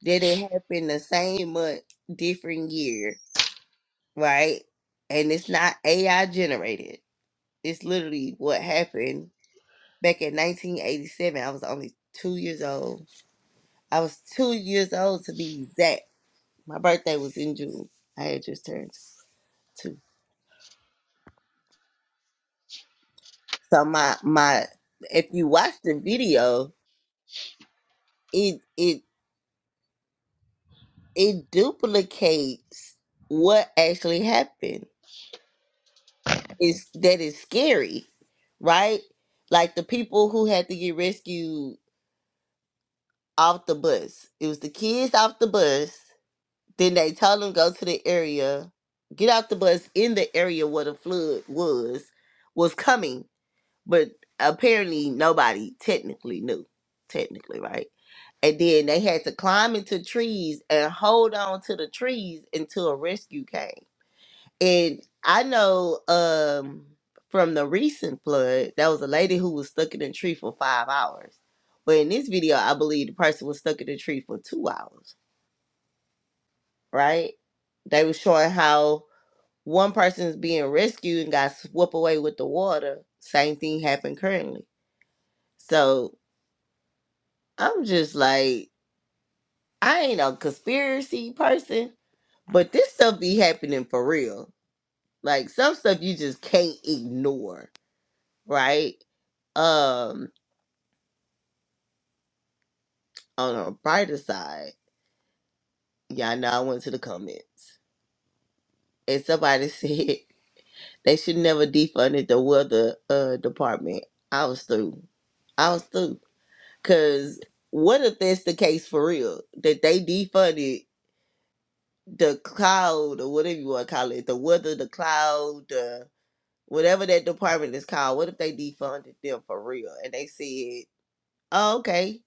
[SPEAKER 2] that it happened the same month, different year, right? And it's not AI generated. It's literally what happened back in 1987. I was only two years old. I was two years old to be exact. My birthday was in June. I had just turned two. So my my if you watch the video, it it it duplicates what actually happened. It's that is scary, right? Like the people who had to get rescued off the bus. It was the kids off the bus Then they told him go to the area, get off the bus in the area where the flood was was coming, but apparently nobody technically knew, technically right. And then they had to climb into trees and hold on to the trees until a rescue came. And I know um from the recent flood, there was a lady who was stuck in a tree for five hours. But in this video, I believe the person was stuck in the tree for two hours, right? They were showing how One person is being rescued and got swept away with the water. Same thing happened currently. So I'm just like, I ain't a conspiracy person, but this stuff be happening for real. Like some stuff you just can't ignore, right? Um, on a brighter side, y'all know I went to the comments and somebody said they should never defunded the weather uh department. I was through. I was through. Cause what if that's the case for real? That they defunded the cloud or whatever you want to call it, the weather, the cloud, the whatever that department is called. What if they defunded them for real? And they said, oh, okay,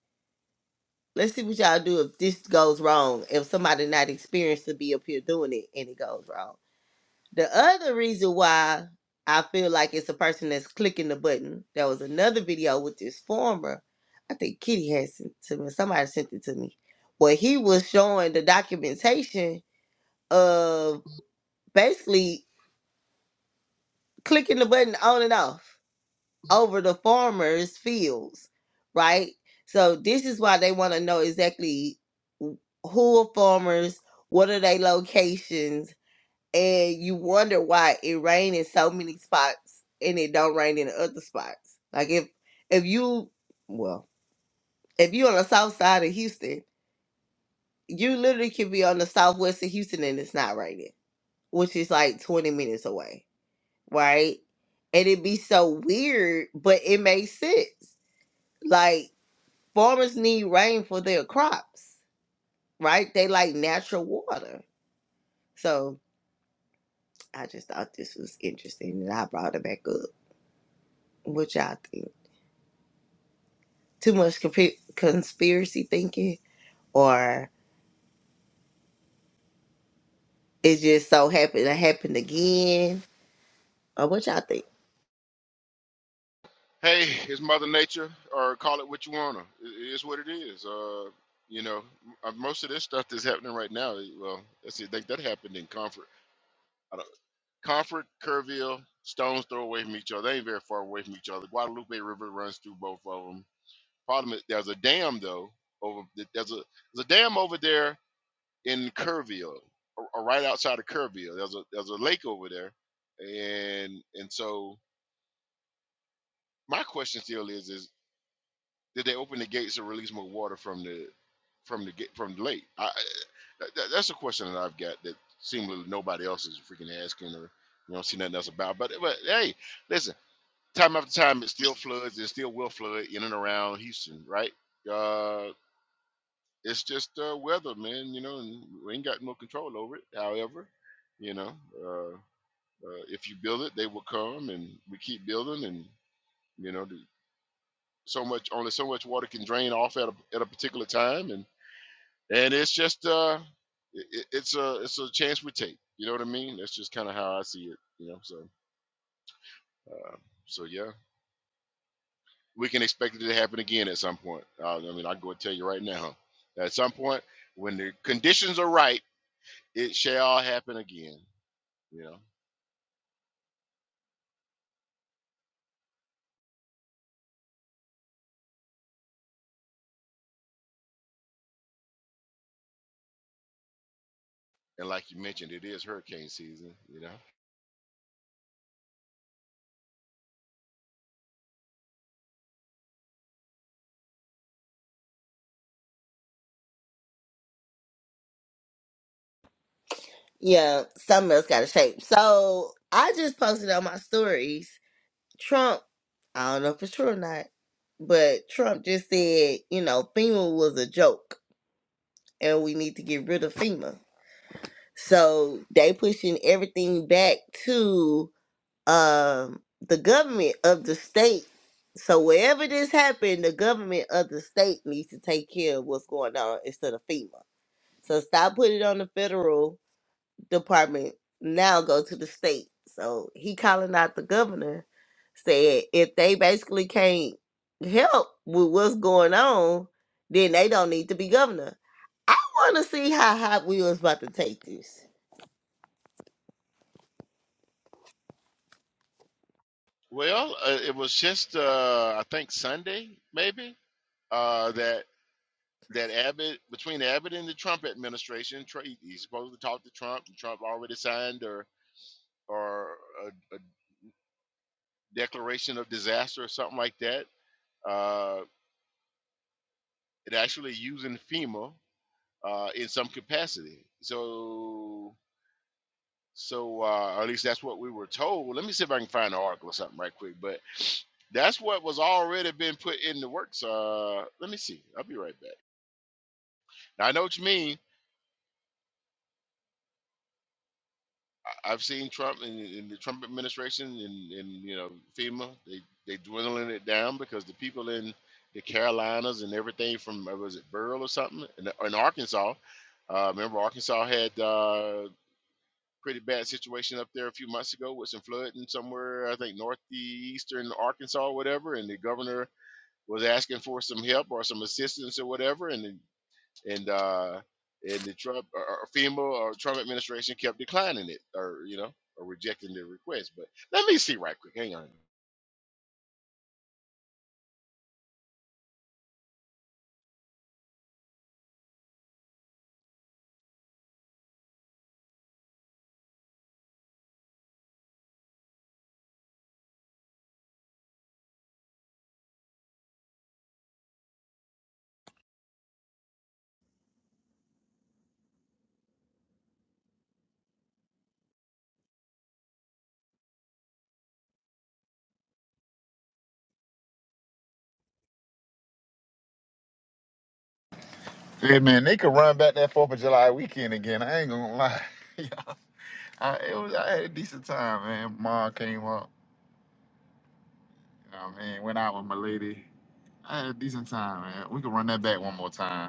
[SPEAKER 2] let's see what y'all do if this goes wrong. If somebody not experienced to be up here doing it and it goes wrong. The other reason why I feel like it's a person that's clicking the button. There was another video with this former, I think Kitty had sent it to me. Somebody sent it to me, where he was showing the documentation of basically clicking the button on and off over the farmers' fields, right? So this is why they want to know exactly who are farmers, what are their locations, and you wonder why it rain in so many spots and it don't rain in other spots. Like if if you well, if you on the south side of Houston, you literally could be on the southwest of Houston and it's not raining, which is like twenty minutes away, right? And it'd be so weird, but it makes sense. Like farmers need rain for their crops, right? They like natural water. So I just thought this was interesting and I brought it back up. What y'all think? too much comp- conspiracy thinking, or it just so happened to happen again, or what y'all think?
[SPEAKER 1] Hey, it's Mother Nature, or call it what you wanna. It is what it is. Uh, you know, m- uh, most of this stuff that's happening right now. eh, Well, let's see. I think that happened in Comfort. I don't, Comfort, Kerrville, stones throw away from each other. They ain't very far away from each other. Guadalupe River runs through both of them. Problem is, there's a dam though. Over there's a there's a dam over there in Kerrville, or, or right outside of Kerrville. There's a there's a lake over there, and and so My question still is: Is did they open the gates and release more water from the from the gate from the lake? I, I- that, that- that's a question that I've got that seemingly nobody else is freaking asking, or you don't see nothing else about. But but hey, listen, time after time, it still floods. It still will flood in and around Houston, right? Uh, it's just uh, weather, man. You know, and we ain't got no control over it. However, you know, uh, uh, if you build it, they will come, and we keep building, and you know. so much only so much water can drain off at a, at a particular time and and it's just uh it, it's a it's a chance we take you know what i mean that's just kind of how i see it you know so uh, so yeah we can expect it to happen again at some point uh, i mean i go and tell you right now at some point when the conditions are right it shall happen again you know and like you mentioned it is hurricane season you know
[SPEAKER 2] Yeah, something else got to shape. So I just posted on my stories. Trump, I don't know if it's true or not, but Trump just said, you know, FEMA was a joke, and we need to get rid of FEMA. So they pushing everything back to um the government of the state. So wherever this happened, the government of the state needs to take care of what's going on instead of FEMA. So stop putting it on the federal department. Now go to the state. So he calling out the governor, said if they basically can't help with what's going on, then they don't need to be governor. I want to see how hot we was about to take this.
[SPEAKER 1] well uh, it was just uh i think sunday maybe uh, that that Abbott between Abbott and the Trump administration, Tr- he- he's supposed to talk to Trump, and Trump already signed or or a, a declaration of disaster or something like that. Uh, it actually using FEMA uh, in some capacity. So so uh, or at least that's what we were told. Let me see if I can find an article or something right quick. But that's what was already been put in the works. Uh, let me see. I'll be right back. Now, I know what you mean I've seen Trump and, and the Trump administration and, and you know FEMA they they dwindling it down because the people in the Carolinas and everything from uh, was it Burl or something in, in Arkansas. Uh, remember Arkansas had uh, pretty bad situation up there a few months ago with some flooding somewhere I think northeastern Arkansas or whatever, and the governor was asking for some help or some assistance or whatever, and the and uh, and the Trump or, or FEMA or Trump administration kept declining it, or you know, or rejecting the request. But let me see right quick. Hang on.
[SPEAKER 4] Hey man, they could run back that Fourth of July weekend again. I ain't gonna lie. Yeah, I, it was I had a decent time, man. Ma came up, you know what I mean. Went out with my lady. I had a decent time, man. We could run that back one more time.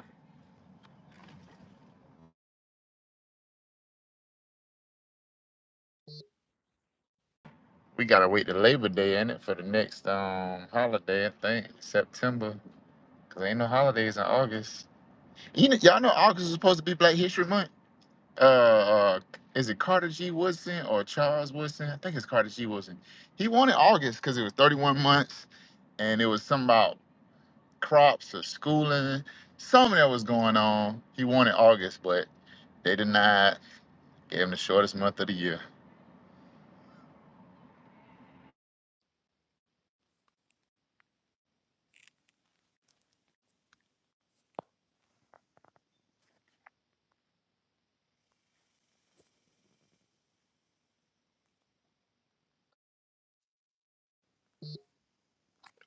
[SPEAKER 4] We gotta wait to Labor Day in it for the next um holiday, I think September, cause ain't no holidays in August. You know, y'all know August is supposed to be Black History Month. Uh, uh, is it Carter G. Woodson or Charles Woodson? I think it's Carter G. Woodson. He wanted August because it was 31 months, and it was something about crops or schooling, something that was going on. He wanted August, but they denied. Gave him the shortest month of the year.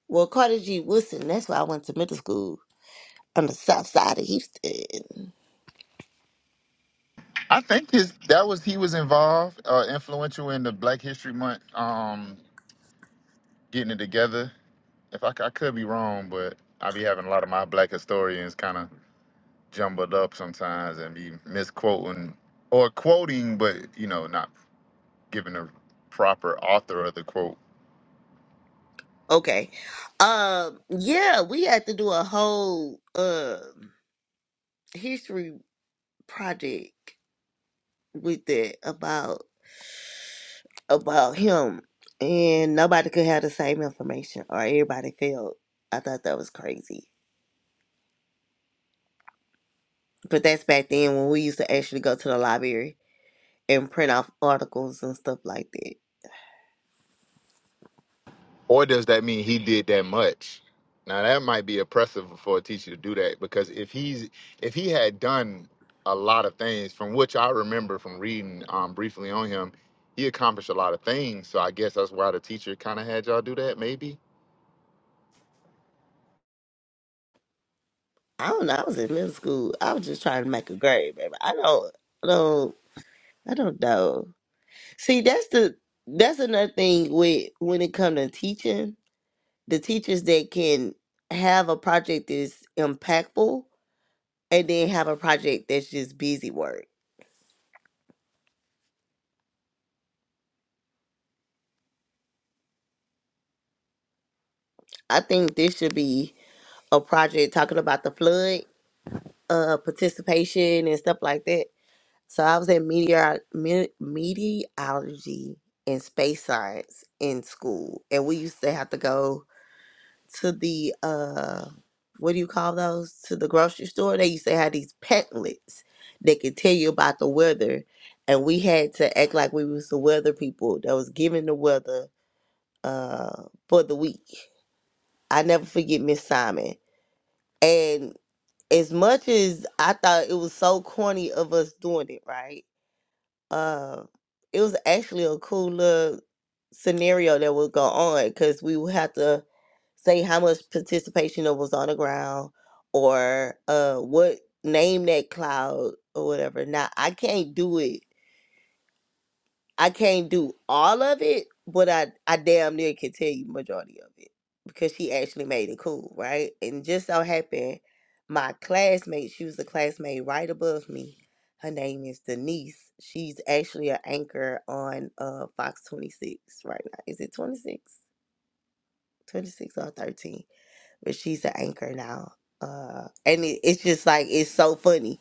[SPEAKER 2] Well, Carter G. Woodson, that's why I went to middle school. on the south side of Houston.
[SPEAKER 4] I think his that was he was involved, uh, influential in the Black History Month, um, getting it together. If I, c- I could be wrong, but I be having a lot of my black historians kind of jumbled up sometimes and be misquoting or quoting, but you know not giving the proper author of the quote.
[SPEAKER 2] Okay. Um, yeah, we had to do a whole uh, history project with it about about him and nobody could have the same information or everybody failed. I thought that was crazy. But that's back then when we used to actually go to the library and print off articles and stuff like that.
[SPEAKER 4] Or does that mean he did that much? Now that might be oppressive for a teacher to do that because if he's if he had done a lot of things from which I remember from reading um, briefly on him, he accomplished a lot of things. So I guess that's why the teacher kind of had y'all do that, maybe.
[SPEAKER 2] I don't know, I was in middle school. I was just trying to make a grade, baby. I don't I don't I don't know. See, that's the that's another thing with when it comes to teaching. The teachers that can have a project that's impactful and then have a project that's just busy work. I think this should be a project talking about the flood uh participation and stuff like that. So I was in meteor me- meteorology and space science in school and we used to have to go to the uh what do you call those to the grocery store they used to have these pamphlets that could tell you about the weather and we had to act like we was the weather people that was giving the weather uh for the week i never forget miss simon and as much as i thought it was so corny of us doing it right uh it was actually a cool little scenario that would go on because we would have to say how much participation it was on the ground or uh what name that cloud or whatever. Now I can't do it. I can't do all of it, but I I damn near can tell you majority of it because she actually made it cool, right? And just so happened, my classmate, she was a classmate right above me. Her name is Denise. She's actually an anchor on uh Fox 26 right now. Is it 26? 26 or 13? but she's an anchor now. Uh, and it, it's just like it's so funny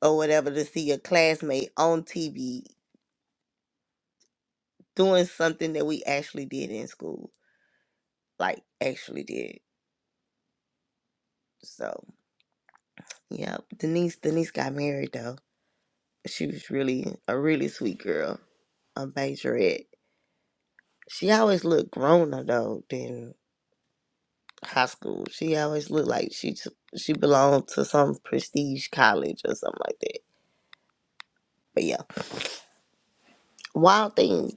[SPEAKER 2] or whatever to see a classmate on TV doing something that we actually did in school, like actually did. So yeah, Denise Denise got married though. She was really a really sweet girl, a majorette. She always looked growner though than high school. She always looked like she she belonged to some prestige college or something like that. But yeah, Wild Things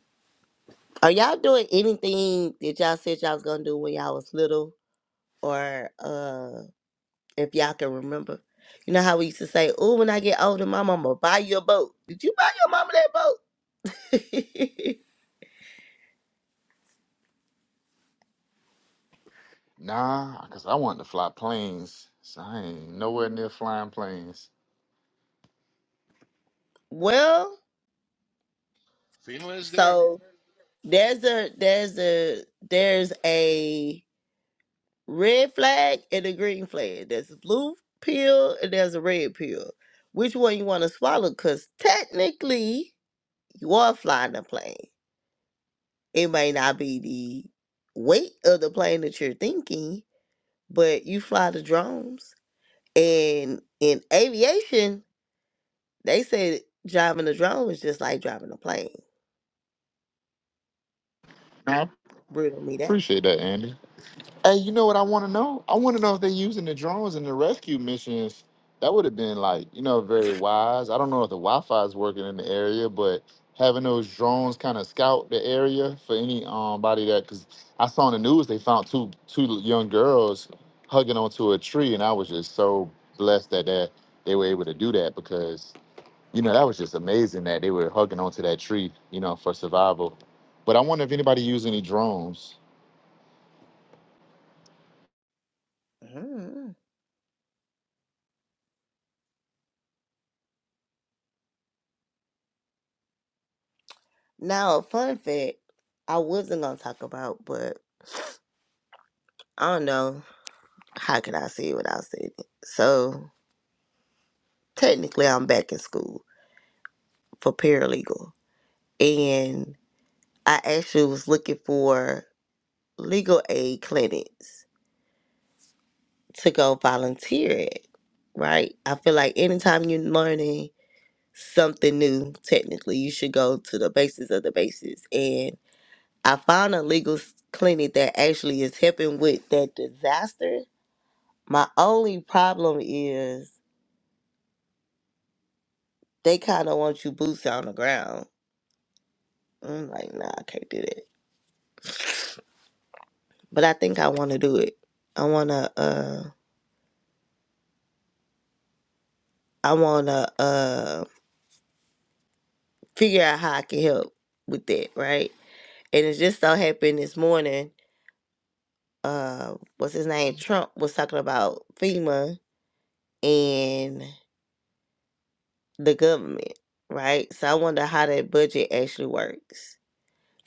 [SPEAKER 2] Are y'all doing anything that y'all said y'all was gonna do when y'all was little, or uh, if y'all can remember? You know how we used to say, "Oh, when I get older, my mama buy you a boat." Did you buy your mama that boat?
[SPEAKER 4] Nah, because I wanted to fly planes, so I ain't nowhere near flying planes.
[SPEAKER 2] well,
[SPEAKER 1] FEMA is there.
[SPEAKER 2] so there's a there's a there's a red flag and a green flag. There's a blue pill and there's a red pill. Which one you want to swallow? Cause technically, you are flying a plane. It may not be the weight of the plane that you're thinking, but you fly the drones. And in aviation, they said driving a drone is just like driving a plane.
[SPEAKER 4] Nah, I
[SPEAKER 2] Riddle me that.
[SPEAKER 4] appreciate that, Andy. Hey, you know what I want to know? I want to know if they're using the drones in the rescue missions. That would have been like, you know, very wise. I don't know if the Wi-Fi is working in the area, but having those drones kind of scout the area for any um body that, because I saw on the news they found two two young girls hugging onto a tree, and I was just so blessed that that they were able to do that because you know that was just amazing that they were hugging onto that tree, you know, for survival. But I wonder if anybody used any drones.
[SPEAKER 2] Mm. Now, a fun fact I wasn't gonna talk about, but I don't know how could I say it without saying it. So technically I'm back in school for paralegal. And I actually was looking for legal aid clinics to go volunteer at, right? I feel like anytime you're learning something new, technically, you should go to the basis of the basis. And I found a legal s- clinic that actually is helping with that disaster. My only problem is they kind of want you boots on the ground. I'm like, nah, I can't do that. but I think I want to do it. I want to uh I want to uh figure out how I can help with that, right? And it just so happened this morning, uh what's his name? Trump was talking about FEMA and the government, right? So I wonder how that budget actually works.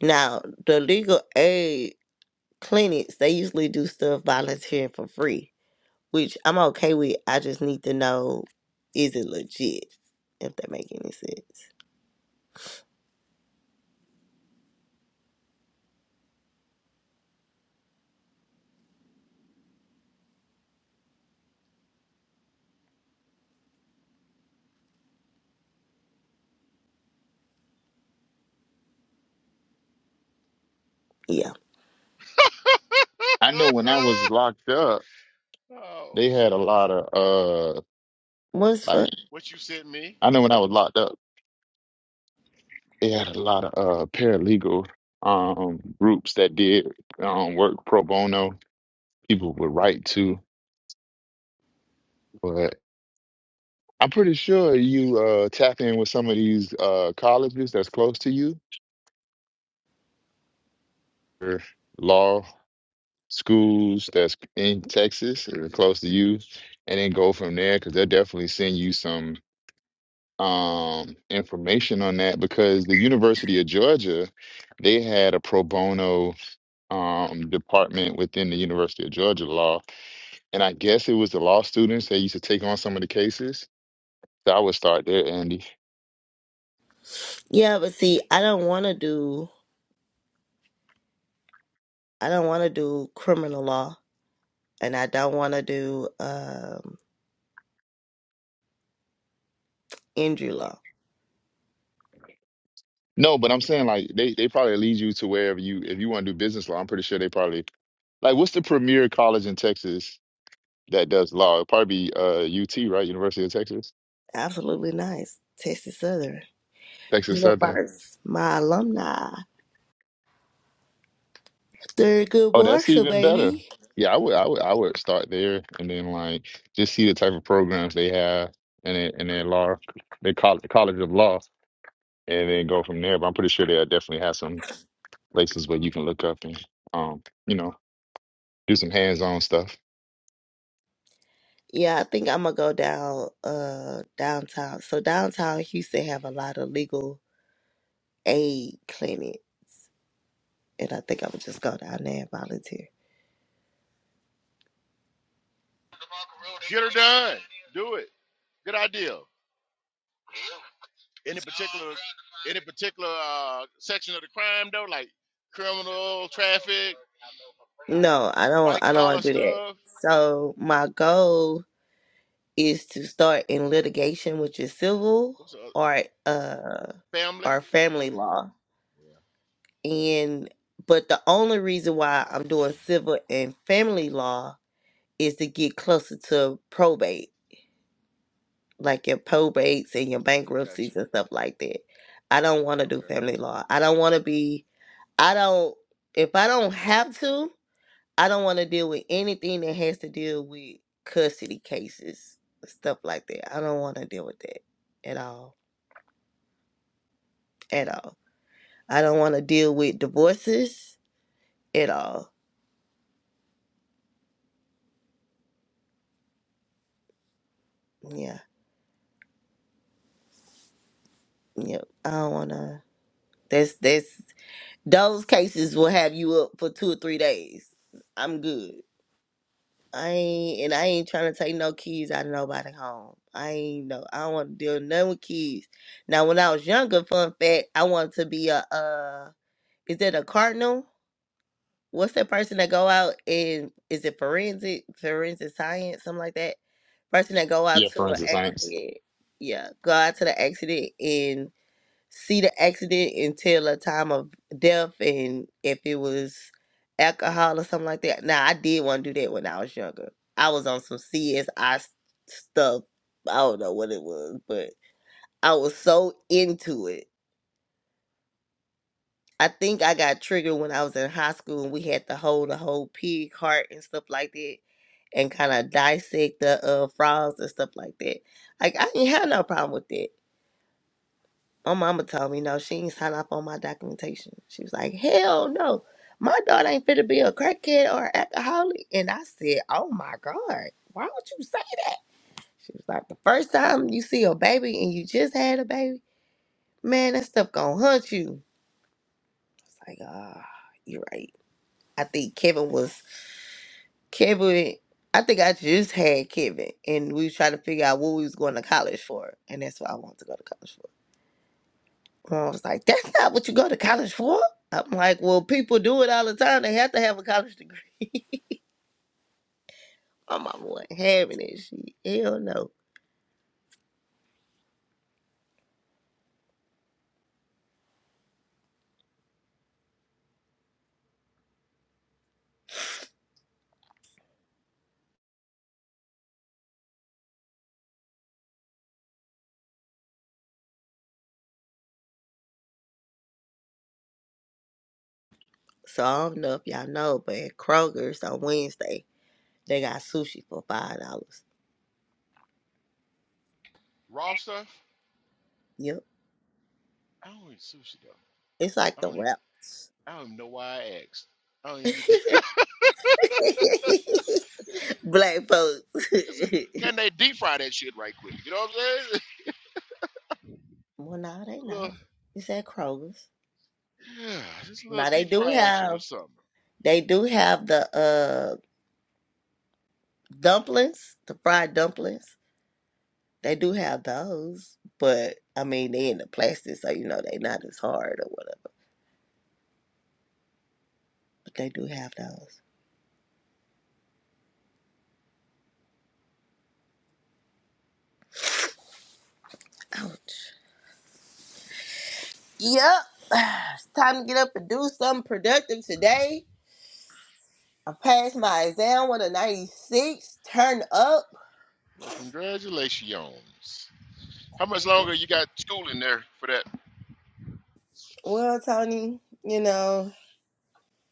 [SPEAKER 2] Now, the legal aid clinics, they usually do stuff volunteering for free, which I'm okay with. I just need to know is it legit, if that make any sense. Yeah.
[SPEAKER 4] I know when I was locked up.
[SPEAKER 1] oh
[SPEAKER 4] They had a
[SPEAKER 1] shucks.
[SPEAKER 4] lot of uh
[SPEAKER 2] What's fun?
[SPEAKER 4] like
[SPEAKER 1] What you sent me?
[SPEAKER 4] I know when I was locked up, they had a lot of uh paralegal um groups that did um work pro bono. People would write to, but I'm pretty sure you uh tap in with some of these uh colleges that's close to you or law schools that's in Texas or close to you and then go from there because they'll definitely send you some um, information on that because the University of Georgia, they had a pro bono um, department within the University of Georgia law, and I guess it was the law students that used to take on some of the cases. So I would start there, Andy.
[SPEAKER 2] Yeah, but see, I don't want to do I don't want to do criminal law and I don't want to do um injury law.
[SPEAKER 4] No, but I'm saying like they they probably lead you to wherever you if you want to do business law. I'm pretty sure they probably like what's the premier college in Texas that does law? It'd probably be uh, UT, right? University of Texas,
[SPEAKER 2] Absolutely nice. Texas Southern.
[SPEAKER 4] Texas Southern.
[SPEAKER 2] Universe. My alumni. Third good
[SPEAKER 4] Oh, that's
[SPEAKER 2] Marshall,
[SPEAKER 4] even better.
[SPEAKER 2] baby.
[SPEAKER 4] Yeah, I would, I would, I would start there, and then like just see the type of programs they have, and then and then law, they call it the College of Law, and then go from there. But I'm pretty sure they'll definitely have some places where you can look up and, um, you know, do some hands-on stuff.
[SPEAKER 2] Yeah, I think I'm gonna go down uh downtown. So downtown Houston have a lot of legal aid clinic and I think I'm gonna just go down there and volunteer.
[SPEAKER 1] Get her done. Do it. Good idea. Any particular any particular uh, section of the crime though, like criminal, traffic,
[SPEAKER 2] No, I don't
[SPEAKER 1] white
[SPEAKER 2] I don't
[SPEAKER 1] collar
[SPEAKER 2] wanna do that.
[SPEAKER 1] stuff.
[SPEAKER 2] So my goal is to start in litigation, which is civil
[SPEAKER 1] What's up?
[SPEAKER 2] or uh
[SPEAKER 1] Family.
[SPEAKER 2] or family law.
[SPEAKER 1] Yeah.
[SPEAKER 2] And but the only reason why I'm doing civil and family law is to get closer to probate, like your probates and your
[SPEAKER 1] Got you.
[SPEAKER 2] bankruptcies and stuff like that. I don't want to do
[SPEAKER 1] Okay.
[SPEAKER 2] family law. I don't want to be I don't if I don't have to, I don't want to deal with anything that has to deal with custody cases, stuff like that. I don't want to deal with that at all. at all. I don't want to deal with divorces at all. Yeah, yep. I don't want to. That's that's those cases will have you up for two or three days. I'm good. I ain't and I ain't trying to take no kids out of nobody home. I ain't no. I don't want to deal none with kids. Now, when I was younger, fun fact, I wanted to be a uh, is that a cardinal? what's that person that go out and is it forensic forensic science something like that person that go out
[SPEAKER 4] Yeah,
[SPEAKER 2] to an
[SPEAKER 4] forensic science.
[SPEAKER 2] accident yeah go out to the accident and see the accident and tell a time of death and if it was alcohol or something like that now i did want to do that when i was younger i was on some csi s- I s- stuff i don't know what it was but i was so into it I think I got triggered when I was in high school and we had to hold a whole pig heart and stuff like that and kind of dissect the uh, frogs and stuff like that. Like, I didn't have no problem with that. My mama told me, no, she ain't sign off on my documentation. She was like, hell no. My daughter ain't fit to be a crackhead or alcoholic. And I said, oh my God, why would you say that? She was like, the first time you see a baby and you just had a baby, man, that stuff gonna hunt you. It's like, ah, you're right. I think Kevin was Kevin, I think I just had Kevin, and we was trying to figure out what we was going to college for, and that's what I wanted to go to college for. Mom was like, "That's not what you go to college for." I'm like, "Well, people do it all the time. They have to have a college degree." My mama wasn't having it. She hell no. So I don't know if y'all know, but at Kroger's on Wednesday they got sushi for five dollars.
[SPEAKER 1] Raw stuff?
[SPEAKER 2] Yep,
[SPEAKER 1] I don't eat sushi though.
[SPEAKER 2] it's like
[SPEAKER 1] I
[SPEAKER 2] the
[SPEAKER 1] don't eat.
[SPEAKER 2] wraps.
[SPEAKER 1] I don't even know why I asked. I don't even need to.
[SPEAKER 2] Black folks.
[SPEAKER 1] Listen, can they deep fry that shit right quick? You know what I'm saying?
[SPEAKER 2] well, no, they
[SPEAKER 1] A little,
[SPEAKER 2] not. It's at Kroger's.
[SPEAKER 1] yeah, just a little
[SPEAKER 2] Now they
[SPEAKER 1] deep
[SPEAKER 2] do
[SPEAKER 1] fry action or
[SPEAKER 2] have
[SPEAKER 1] something.
[SPEAKER 2] they do have the uh dumplings, the fried dumplings. They do have those, but I mean they in the plastic, so you know they not as hard or whatever. But they do have those. Ouch. Yep. It's time to get up and do something productive today. I passed my exam with a 96. Turn up.
[SPEAKER 1] Well, congratulations. How much longer you got school in there for that?
[SPEAKER 2] Well, Tony, you know,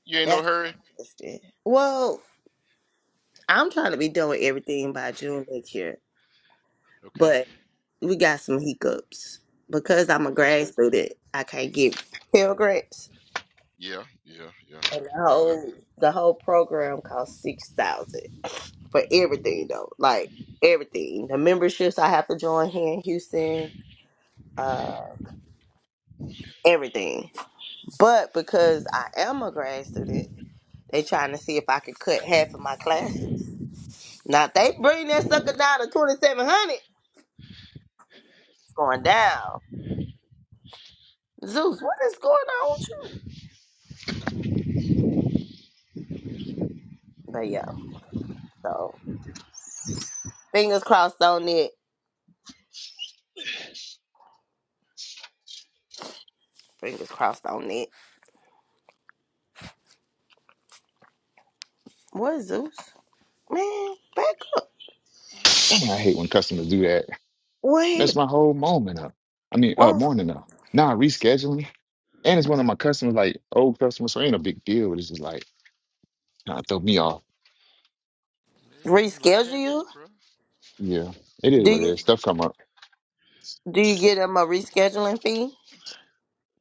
[SPEAKER 1] You ain't no
[SPEAKER 2] that's
[SPEAKER 1] hurry?
[SPEAKER 2] what I just did. Well, I'm trying to be doing everything by June next year.
[SPEAKER 1] Okay,
[SPEAKER 2] but we got some hiccups because I'm a
[SPEAKER 1] gotcha.
[SPEAKER 2] grad student. I can't get Pell Grants,
[SPEAKER 1] Yeah, yeah, yeah.
[SPEAKER 2] and the
[SPEAKER 1] Well, that...
[SPEAKER 2] whole the whole program costs six thousand for everything though, like everything. The memberships I have to join here in Houston, uh, everything. But because I am a grad student, they trying to see if I could cut half of my classes. Now if they bring that sucker down to twenty seven hundred. It's going down. Zeus, what is going on with you? But yeah, so. Fingers crossed on it. Fingers crossed on it. What Zeus? Man, back up.
[SPEAKER 4] Dang, I hate when customers do that.
[SPEAKER 2] What?
[SPEAKER 4] That's
[SPEAKER 2] hap-
[SPEAKER 4] my whole moment up. I mean, uh,
[SPEAKER 2] What?
[SPEAKER 4] morning up. Nah, rescheduling, and it's one of my customers, like old customers, so it ain't a big deal. But it's just like, nah, throw me off.
[SPEAKER 1] Man, life
[SPEAKER 2] Reschedule
[SPEAKER 1] happens,
[SPEAKER 2] you?
[SPEAKER 1] bro.
[SPEAKER 4] Yeah, it is
[SPEAKER 2] Do
[SPEAKER 4] what it
[SPEAKER 2] you
[SPEAKER 4] is. Stuff come up.
[SPEAKER 2] do you
[SPEAKER 1] Yeah.
[SPEAKER 2] get him a rescheduling fee?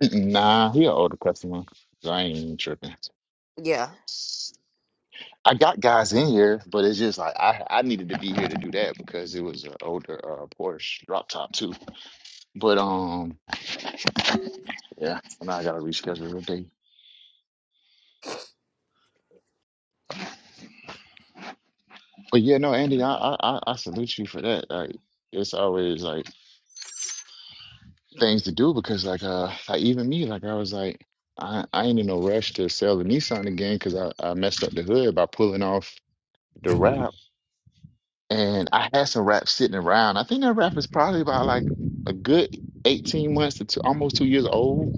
[SPEAKER 4] Nah, he an older customer, so I ain't even tripping.
[SPEAKER 2] Yeah.
[SPEAKER 4] I got guys in here, but it's just like I I needed to be here to do that because it was an older uh, Porsche drop top too. But um, yeah, so now I gotta reschedule the day. But yeah, no, Andy, I I I I salute you for that. Like it's always like things to do because like uh like even me like I was like I I ain't in no rush to sell the Nissan again because I I messed up the hood by pulling off the wrap and I had some rap sitting around. I think that rap is probably about like a good 18 months to two, almost two years old,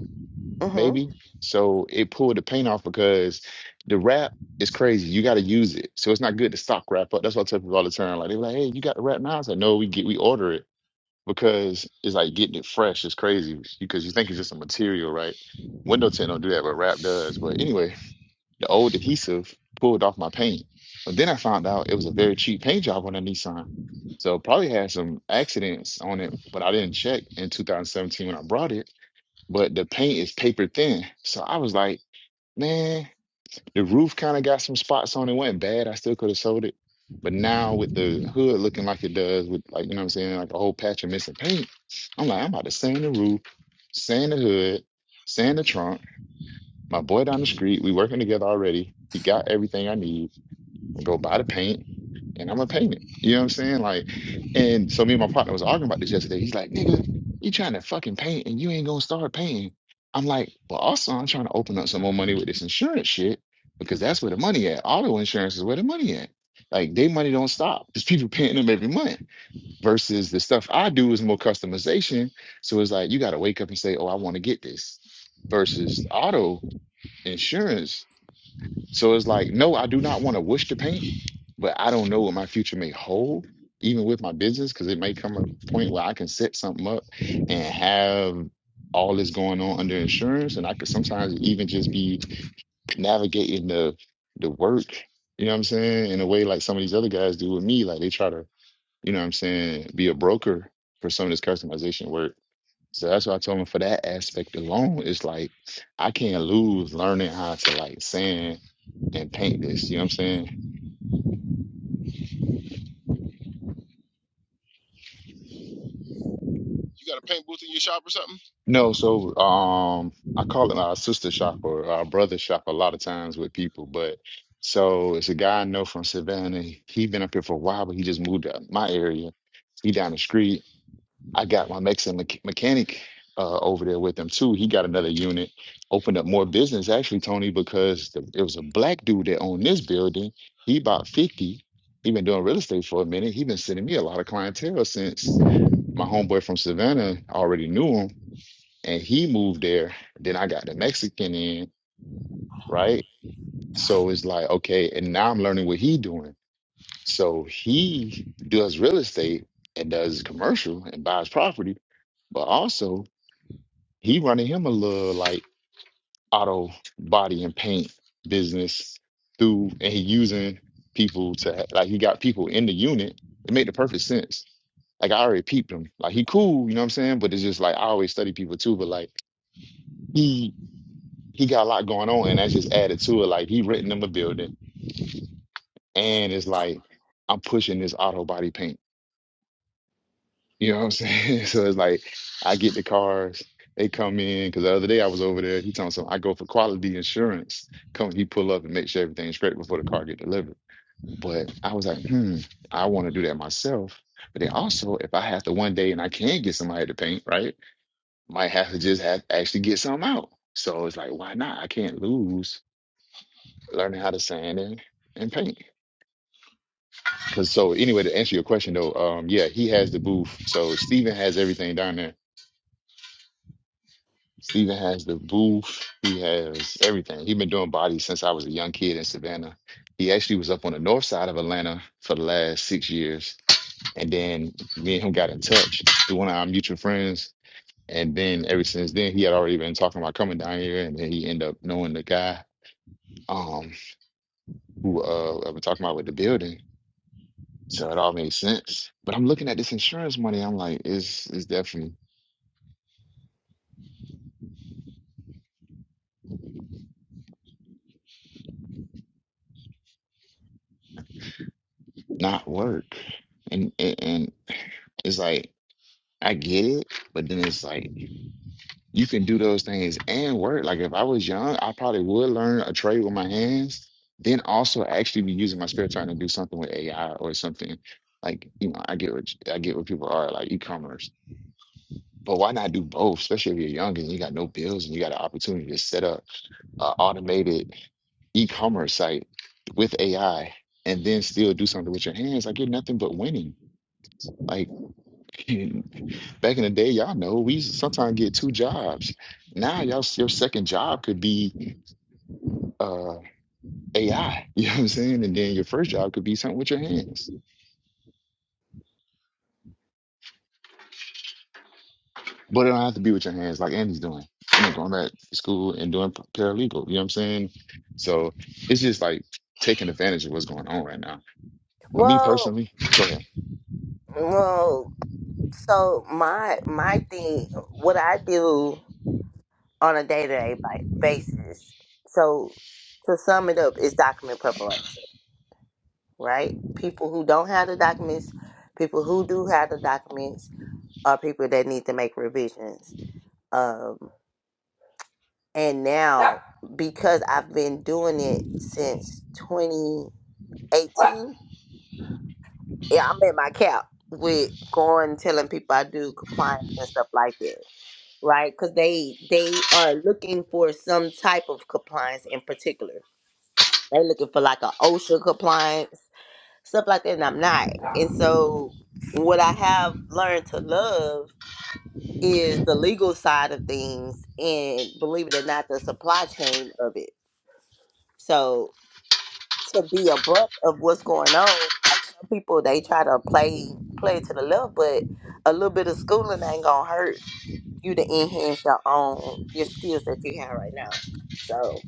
[SPEAKER 2] Mhm.
[SPEAKER 4] maybe. So it pulled the paint off because the rap is crazy. You got to use it. So it's not good to stock rap up. That's what I tell people all the time. Like they're like, hey, you got the rap now? I was like, no, we get we order it because it's like getting it fresh is crazy because you think it's just a material, right? Window tint don't do that, but rap does. But anyway, the old adhesive pulled off my paint. But then I found out it was a very cheap paint job on a Nissan. So probably had some accidents on it, but I didn't check in 2017 when I brought it. But the paint is paper thin. So I was like, man, the roof kind of got some spots on it. wasn't bad. I still could have sold it. But now with the hood looking like it does, with like, you know what I'm saying, like a whole patch of missing paint, I'm like, I'm about to sand the roof, sand the hood, sand the trunk. My boy down the street, we working together already. He got everything I need. i go buy the paint and I'm gonna paint it. You know what I'm saying? Like, and so me and my partner was arguing about this yesterday. He's like, nigga, you trying to fucking paint and you ain't gonna start painting. I'm like, well, also I'm trying to open up some more money with this insurance shit because that's where the money at. Auto insurance is where the money at. Like, they money don't stop. There's people paying them every month. Versus the stuff I do is more customization. So it's like you got to wake up and say, "Oh, I want to get this." Versus auto, insurance. So it's like, no, I do not want to wish to paint, but I don't know what my future may hold, even with my business, because it may come a point where I can set something up and have all this going on under insurance. And I could sometimes even just be navigating the the work, you know what I'm saying, in a way like some of these other guys do with me. Like they try to, you know what I'm saying, be a broker for some of this customization work. So that's why I told him for that aspect alone, it's like I can't lose learning how to like sand and paint this. You know what I'm saying?
[SPEAKER 1] You got a paint booth in your shop or something?
[SPEAKER 4] No, so um, I call it our sister shop or our brother shop a lot of times with people. But so it's a guy I know from Savannah. He been up here for a while, but he just moved to my area. He down the street. I got my Mexican mech- mechanic uh, over there with him too. He got another unit, opened up more business actually, Tony, because the, it was a black dude that owned this building. He about 50. He been doing real estate for a minute. He been sending me a lot of clientele since my homeboy from Savannah already knew him and he moved there. Then I got the Mexican in, right? So it's like, okay, and now I'm learning what he doing. So he does real estate and does commercial and buys property, but also He running him a little like auto body and paint business through, and he using people to like he got people in the unit. It made the perfect sense. Like I already peeped him. Like he cool, you know what I'm saying? But it's just like I always study people too. But like he he got a lot going on, and that's just added to it. Like he written them a building, and it's like I'm pushing this auto body paint. You know what I'm saying? So it's like I get the cars, they come in. Because the other day I was over there, he told me something. I go for quality insurance. Come, he pull up and make sure everything's straight before the car get delivered. But I was like, hmm, I want to do that myself. But then also, if I have to one day and I can't get somebody to paint, right? Might have to just have actually get some out. So it's like, why not? I can't lose learning how to sand and, and paint. Cause so anyway, to answer your question though, um, yeah, he has the booth. So Steven has everything down there Steven has the booth. He has everything. He's been doing bodies since I was a young kid in Savannah. He actually was up on the north side of Atlanta for the last six years. And then me and him got in touch through one of our mutual friends. And then ever since then, he had already been talking about coming down here. And then he ended up knowing the guy um, who uh, I've been talking about with the building. So it all made sense. But I'm looking at this insurance money. I'm like, it's, it's definitely not work. And, and, and it's like, I get it, but then it's like you can do those things and work. Like if I was young, I probably would learn a trade with my hands, then also actually be using my spare time to do something with AI or something. Like, you know, I get what I get what people are like e-commerce. But why not do both, especially if you're young and you got no bills and you got an opportunity to set up an automated e-commerce site with AI and then still do something with your hands? Like you're nothing but winning. Like Back in the day, y'all know we used to sometimes get two jobs. Now y'all s- your second job could be uh AI, you know what I'm saying? And then your first job could be something with your hands. But it don't have to be with your hands like Andy's doing, you know, going back to school and doing p- paralegal, you know what I'm saying? So it's just like taking advantage of what's going on right now. But me
[SPEAKER 2] Well,
[SPEAKER 4] personally, go ahead.
[SPEAKER 2] well. So my my thing, what I do on a day to day basis. So to sum it up, is document preparation, right? People who don't have the documents, people who do have the documents, are people that need to make revisions Um, and now because I've been doing it since 2018, yeah, I'm at my cap with going telling people I do compliance and stuff like that, right? Because they they are looking for some type of compliance in particular. They're looking for like a OSHA compliance stuff like that, and I'm not. And so what I have learned to love is the legal side of things and believe it or not the supply chain of it so to be abrupt of what's going on. Like some people, they try to play play to the left, but a little bit of schooling ain't gonna hurt you to enhance your own your skills that you have right now. So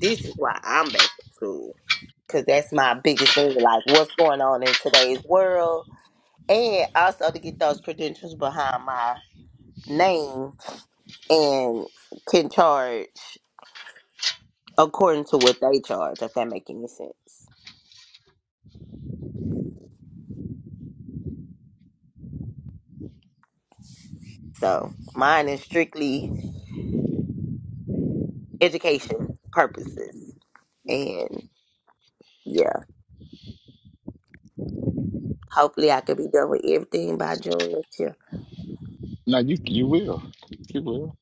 [SPEAKER 2] this is why I'm back to school because that's my biggest thing. Like what's going on in today's world, and also to get those credentials behind my name and can charge according to what they charge, if that make any sense. So mine is strictly education purposes. And yeah, hopefully I could be done with everything by June next year.
[SPEAKER 4] No, you you will. You will.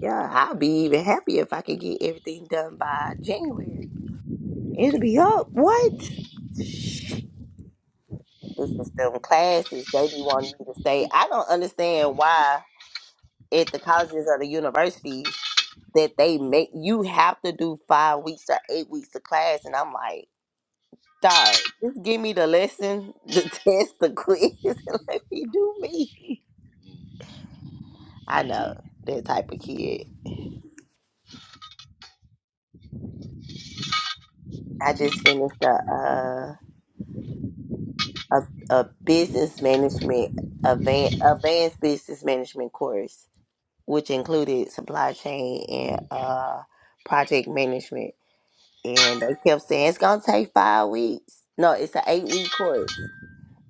[SPEAKER 2] Yeah, I'll be even happier if I could get everything done by January. It'll be up. What? This is them classes. They be wanting you to stay. I don't understand why at the colleges or the universities that they make you have to do five weeks or eight weeks of class. And I'm like, dog, just give me the lesson, the test, the quiz, and let me do me. I know that type of kid. I just finished a uh, a, a business management advan advanced business management course, which included supply chain and uh, project management. And they kept saying it's gonna take five weeks. No, it's an eight week course.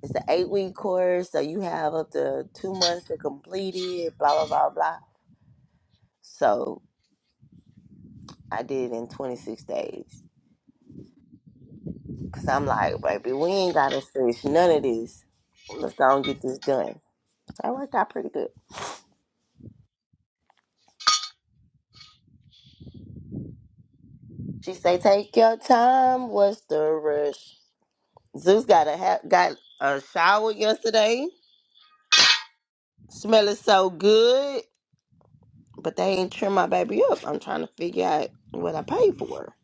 [SPEAKER 2] It's an eight week course, so you have up to two months to complete it. Blah blah blah blah. So I did it in twenty six days. Cause I'm like, baby, we ain't gotta stretch none of this. Let's go and get this done. So it worked out pretty good. She say, take your time. What's the rush? Zeus got a ha- got a shower yesterday. Smelling so good, but they ain't trim my baby up. I'm trying to figure out what I paid for.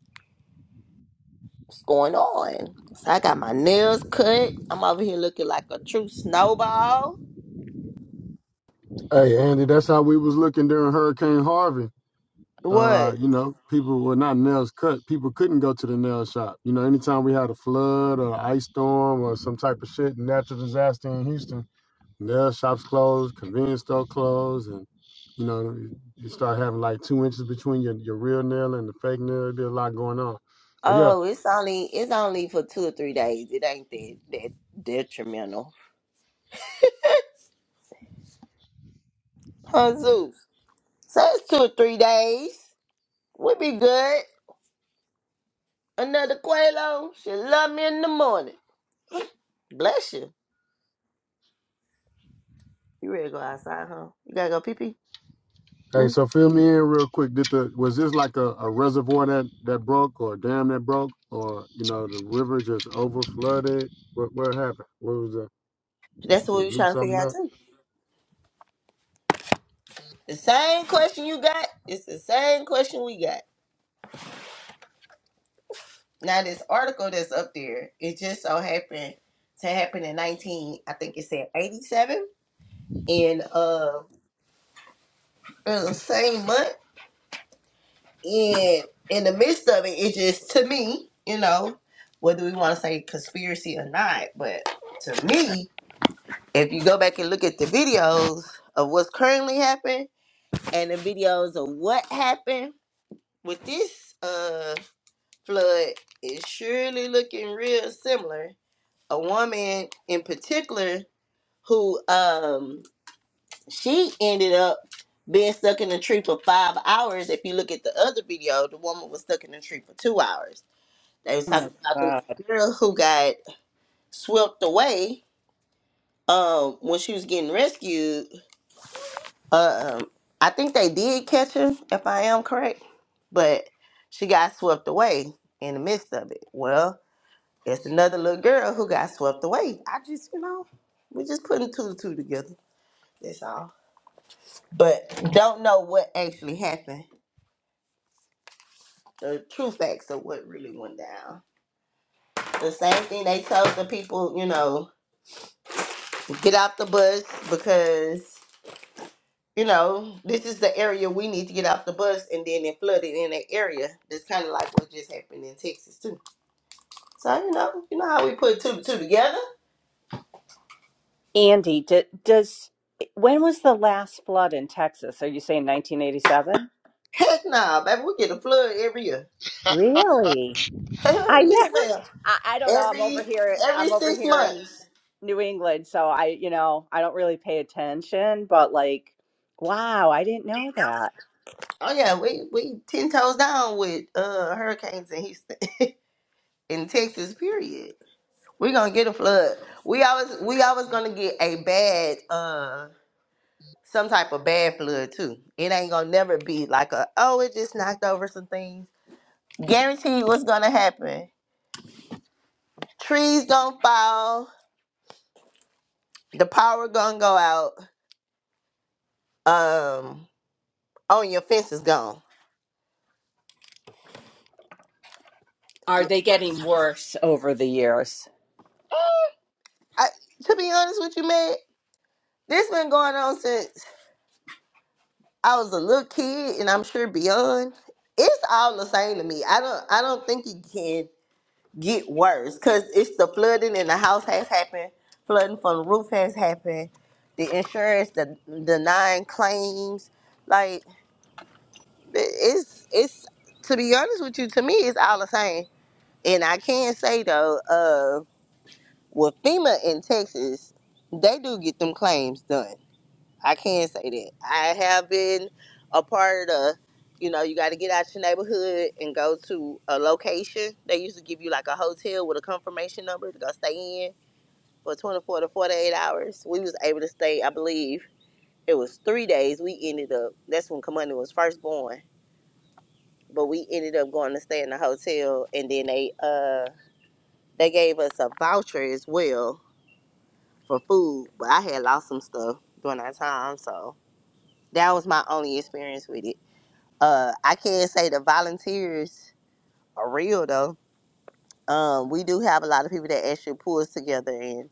[SPEAKER 2] What's going on? So I got my nails cut. I'm over here looking like a true snowball.
[SPEAKER 6] Hey Andy, that's how we was looking during Hurricane Harvey. Uh,
[SPEAKER 2] What?
[SPEAKER 6] you know, people were not nails cut. People couldn't go to the nail shop. You know, anytime we had a flood or an ice storm or some type of shit, natural disaster in Houston, nail shops closed, convenience store closed, and you know, you start having like two inches between your, your real nail and the fake nail. It'd be a lot going on. But yeah,
[SPEAKER 2] Oh, it's only it's only for two or three days. It ain't that that detrimental. Huh, Zeus? So it's two or three days. We be good. Another Quelo. She love me in the morning. Bless you. You ready to go outside, huh? You gotta go pee pee.
[SPEAKER 6] Hey,
[SPEAKER 2] Hmm?
[SPEAKER 6] so fill me in real quick. Did the was this like a, a reservoir that that broke or a dam that broke or you know the river just over flooded? What what happened? What was the
[SPEAKER 2] That's what
[SPEAKER 6] they
[SPEAKER 2] we was
[SPEAKER 6] blew
[SPEAKER 2] trying to figure
[SPEAKER 6] something
[SPEAKER 2] out
[SPEAKER 6] up?
[SPEAKER 2] too. The same question you got. It's the same question we got. Now this article that's up there, it just so happened to happen in nineteen. I think it said eighty seven in uh in the same month. and in the midst of it, it just to me, you know, whether we want to say conspiracy or not, but to me, if you go back and look at the videos of what's currently happening and the videos of what happened with this uh flood, is surely looking real similar. A woman in particular who um she ended up being stuck in a tree for five hours. If you look at the other video, the woman was stuck in a tree for two hours They was
[SPEAKER 7] Oh my
[SPEAKER 2] talking about the
[SPEAKER 7] God.
[SPEAKER 2] little girl who got swept away um, when she was getting rescued. Um, I think they did catch her, if I am correct, but she got swept away in the midst of it. Well, it's another little girl who got swept away. I just, you know, we're just putting two and two together. That's all. But don't know what actually happened. The true facts of what really went down. The same thing they told the people, you know, to get off the bus because you know, this is the area we need to get off the bus, and then it flooded in that area. That's kind of like what just happened in Texas too. So you know, you know how we put two two together?
[SPEAKER 7] Andy, d does when was the last flood in Texas? Are you saying 1987?
[SPEAKER 2] Heck nah, baby, we get a flood every year.
[SPEAKER 1] Mm.
[SPEAKER 7] Really? I
[SPEAKER 2] yes,
[SPEAKER 7] never,
[SPEAKER 2] ma'am.
[SPEAKER 7] I, I don't know. I'm
[SPEAKER 2] Every
[SPEAKER 7] over here.
[SPEAKER 2] every
[SPEAKER 7] I'm over
[SPEAKER 2] six
[SPEAKER 7] here in
[SPEAKER 2] months.
[SPEAKER 7] New England, so I, you know, I don't really pay attention. But like, wow, I didn't know that.
[SPEAKER 2] Oh yeah, we we ten toes down with uh hurricanes in Houston, in Texas. Period. We gonna get a flood. We always we always gonna get a bad. uh, some type of bad fluid too. It ain't gonna never be like a oh, it just knocked over some things. Guarantee what's gonna happen. Trees gonna fall, the power gonna go out, um, oh and your fence is gone.
[SPEAKER 7] Are they getting worse over the years?
[SPEAKER 2] I, to be honest with you, man, this been going on since I was a little kid and I'm sure beyond. It's all the same to me. I don't I don't think you can get worse because it's the flooding and the house has happened, flooding from the roof has happened, the insurance, the denying claims, like it's it's to be honest with you, to me it's all the same. And I can say though, uh, with FEMA in Texas, they do get them claims done I can say that. I have been a part of, the, you know, you got to get out your neighborhood and go to a location. They used to give you like a hotel with a confirmation number to go stay in for 24 to 48 hours. We was able to stay, I believe, it was three days. We ended up, that's when Kamunda was first born. But we ended up going to stay in the hotel and then they uh they gave us a voucher as well for food. But I had lost some stuff during that time, so that was my only experience with it. Uh, I can say the volunteers are real though. Um, we do have a lot of people that actually pull us together and,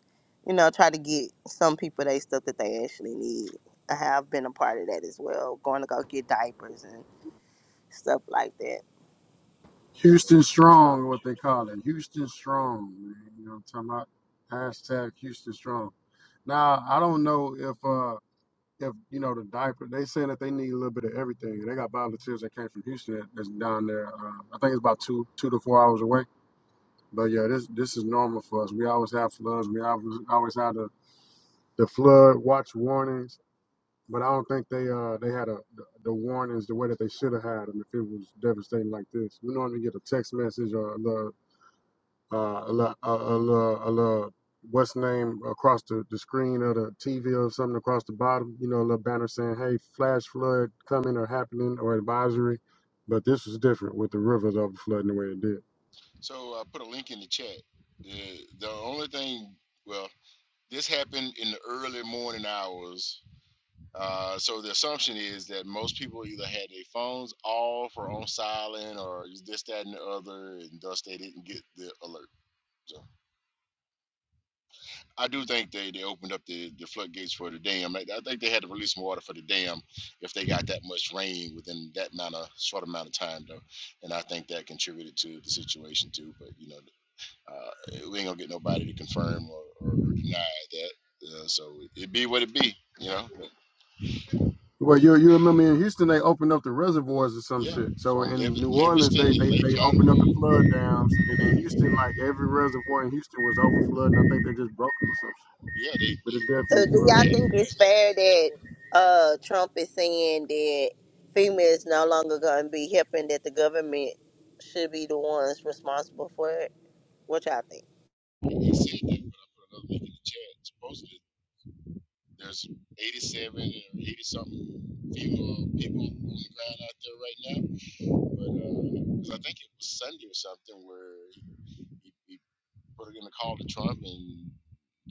[SPEAKER 2] you know, try to get some people they stuff that they actually need. I have been a part of that as well, going to go get diapers and stuff like that.
[SPEAKER 6] Houston
[SPEAKER 2] So,
[SPEAKER 6] Strong, what they call it. Houston Strong. Man. You know what I'm talking about? Hashtag Houston Strong. Now, I don't know if uh if you know the diaper they saying that they need a little bit of everything. They got volunteers that came from Houston that- that's down there. Uh, I think it's about two two to four hours away. But yeah, this this is normal for us. We always have floods. We always always have the, the flood watch warnings. But I don't think they uh they had a, the, the warnings the way that they should have had them if it was devastating like this. We normally get a text message or a little uh, a little, a, a little, a little what's name across the, the screen of the TV or something across the bottom. You know, a little banner saying, "Hey, flash flood coming or happening or advisory." But this was different with the rivers overflooding the way it did.
[SPEAKER 1] so I put a link in the chat. The, the only thing, well, This happened in the early morning hours. Uh, so the assumption is that most people either had their phones off or on silent or this, that, and the other, and thus they didn't get the alert. So I do think they, they opened up the, the floodgates for the dam. Like, I think they had to release some water for the dam if they got that much rain within that amount of short amount of time, though. And I think that contributed to the situation, too. But, you know, uh, we ain't going to get nobody to confirm or, or, deny that. Uh, so it be what it be, you know. But
[SPEAKER 6] Well, you you remember in Houston they opened up the reservoirs or some
[SPEAKER 1] Yeah,
[SPEAKER 6] shit. So
[SPEAKER 1] from
[SPEAKER 6] in
[SPEAKER 1] Liv-
[SPEAKER 6] New Orleans
[SPEAKER 1] Livingston
[SPEAKER 6] they
[SPEAKER 1] and
[SPEAKER 6] they
[SPEAKER 1] Lake
[SPEAKER 6] they opened up the
[SPEAKER 1] Conroe.
[SPEAKER 6] flood dams, and in Houston like every reservoir in Houston was over and I think they just broke it or some shit.
[SPEAKER 1] Yeah, they,
[SPEAKER 6] But
[SPEAKER 1] they
[SPEAKER 6] it
[SPEAKER 2] so
[SPEAKER 6] definitely
[SPEAKER 2] do
[SPEAKER 6] flooded.
[SPEAKER 1] yeah,
[SPEAKER 2] y'all
[SPEAKER 1] they
[SPEAKER 2] think it's
[SPEAKER 1] use that
[SPEAKER 2] fair
[SPEAKER 1] rich
[SPEAKER 2] that uh, Trump is saying that females no longer going to be helping, that the government should be the ones responsible for it? What y'all think?
[SPEAKER 1] He said that, but I put another link in the chat. Supposedly, there's 87 or 80 something female people on the ground out there right now. But because I think it was Sunday or something where he, he put in a call to Trump and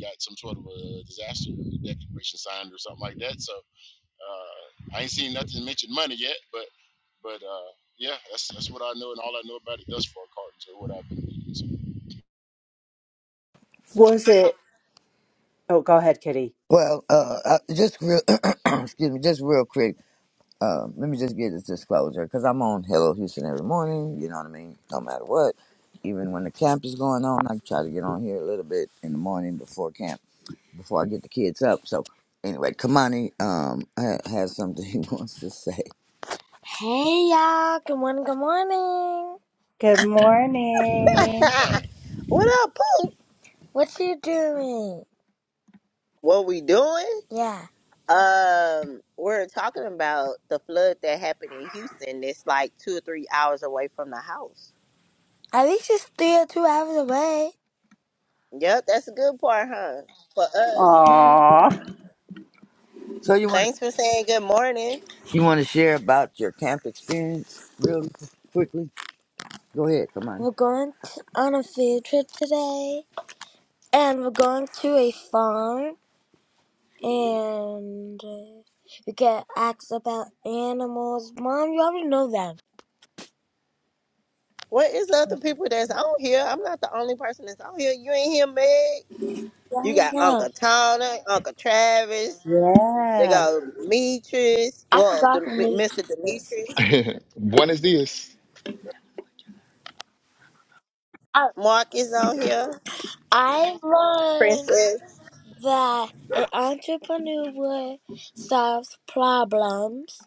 [SPEAKER 1] got some sort of a disaster declaration signed or something like that. So Uh, I ain't seen nothing mention money yet, but but uh, yeah, that's that's what I know and all I know about it thus far, Carton. So what I've been reading. So
[SPEAKER 7] Was it? Oh, go ahead, Kitty.
[SPEAKER 5] Well, uh, I- just real. excuse me. Just real quick. Uh, let me just get this disclosure because I'm on Hello Houston every morning. You know what I mean? No matter what. Even when the camp is going on, I try to get on here a little bit in the morning before camp, before I get the kids up. So, anyway, Kamani um, ha- has something he wants to say. Hey y'all, good morning, good morning.
[SPEAKER 7] Good
[SPEAKER 1] long
[SPEAKER 7] morning.
[SPEAKER 1] time.
[SPEAKER 2] what up, Pooh?
[SPEAKER 5] What you doing?
[SPEAKER 2] What we doing?
[SPEAKER 5] Yeah,
[SPEAKER 2] Um, we're talking about the flood that happened in Houston. It's like two or three hours away from the house.
[SPEAKER 5] at least it's three or two hours away.
[SPEAKER 2] Yep, that's a good part, huh? For us.
[SPEAKER 5] Uh-huh.
[SPEAKER 7] Aw,
[SPEAKER 5] So, you want
[SPEAKER 2] Thanks for saying good morning.
[SPEAKER 5] you want to share about your camp experience real quickly? Go ahead, come on. We're going t on a field trip today, and we're going to a farm, and uh, we get asked about animals. Mom, you already know that.
[SPEAKER 2] What is up, the other people that's on here? I'm not the only person that's on here. You ain't here, Meg.
[SPEAKER 5] Yeah,
[SPEAKER 2] You
[SPEAKER 5] I
[SPEAKER 2] got
[SPEAKER 5] know.
[SPEAKER 2] Uncle Tony, Uncle Travis. They
[SPEAKER 7] yeah.
[SPEAKER 2] got Demetrius.
[SPEAKER 5] I
[SPEAKER 2] Well,
[SPEAKER 5] forgot
[SPEAKER 2] Dem-
[SPEAKER 5] who new
[SPEAKER 2] Mr.
[SPEAKER 5] teachers.
[SPEAKER 2] Demetrius.
[SPEAKER 4] One is this.
[SPEAKER 5] Oh,
[SPEAKER 2] Mark is on here.
[SPEAKER 5] I learned
[SPEAKER 2] Princess.
[SPEAKER 5] that an entrepreneur solves problems,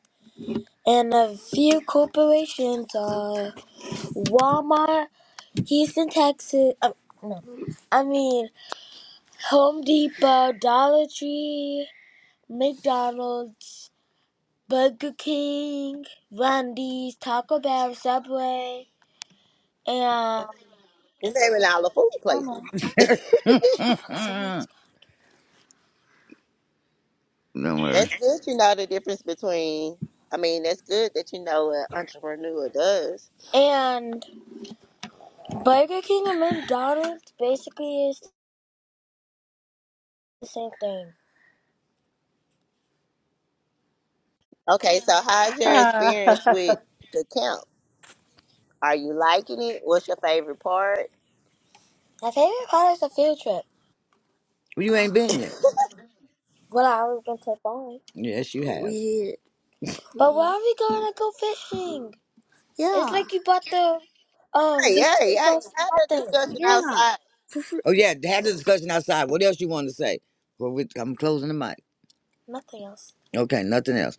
[SPEAKER 5] and a few corporations are Walmart, Houston, Texas. Uh, no, I mean. Home Depot, Dollar Tree, McDonald's, Burger King, Wendy's, Taco Bell, Subway, and
[SPEAKER 2] You're naming all the food
[SPEAKER 5] oh
[SPEAKER 2] places.
[SPEAKER 5] no, Subway. mm Don't worry.
[SPEAKER 2] That's good you know the difference between, I mean, that's good that you know what entrepreneur does.
[SPEAKER 5] and Burger King and McDonald's basically is the same thing.
[SPEAKER 2] Okay, so how's your experience with the camp? Are you liking it? What's your favorite part?
[SPEAKER 5] My favorite part is a field trip. You ain't been yet. Well, I already been to Bali. Yes, you have. Weird. But where are we gonna go fishing? Yeah. It's like you bought the um.
[SPEAKER 2] Hey, hey, hey,
[SPEAKER 5] It's
[SPEAKER 2] have that
[SPEAKER 5] nothing.
[SPEAKER 2] discussion
[SPEAKER 5] Yeah.
[SPEAKER 2] outside.
[SPEAKER 5] Oh yeah, have the discussion outside. What else you want to say? Well, we, I'm closing the mic. Nothing else. Okay, nothing else.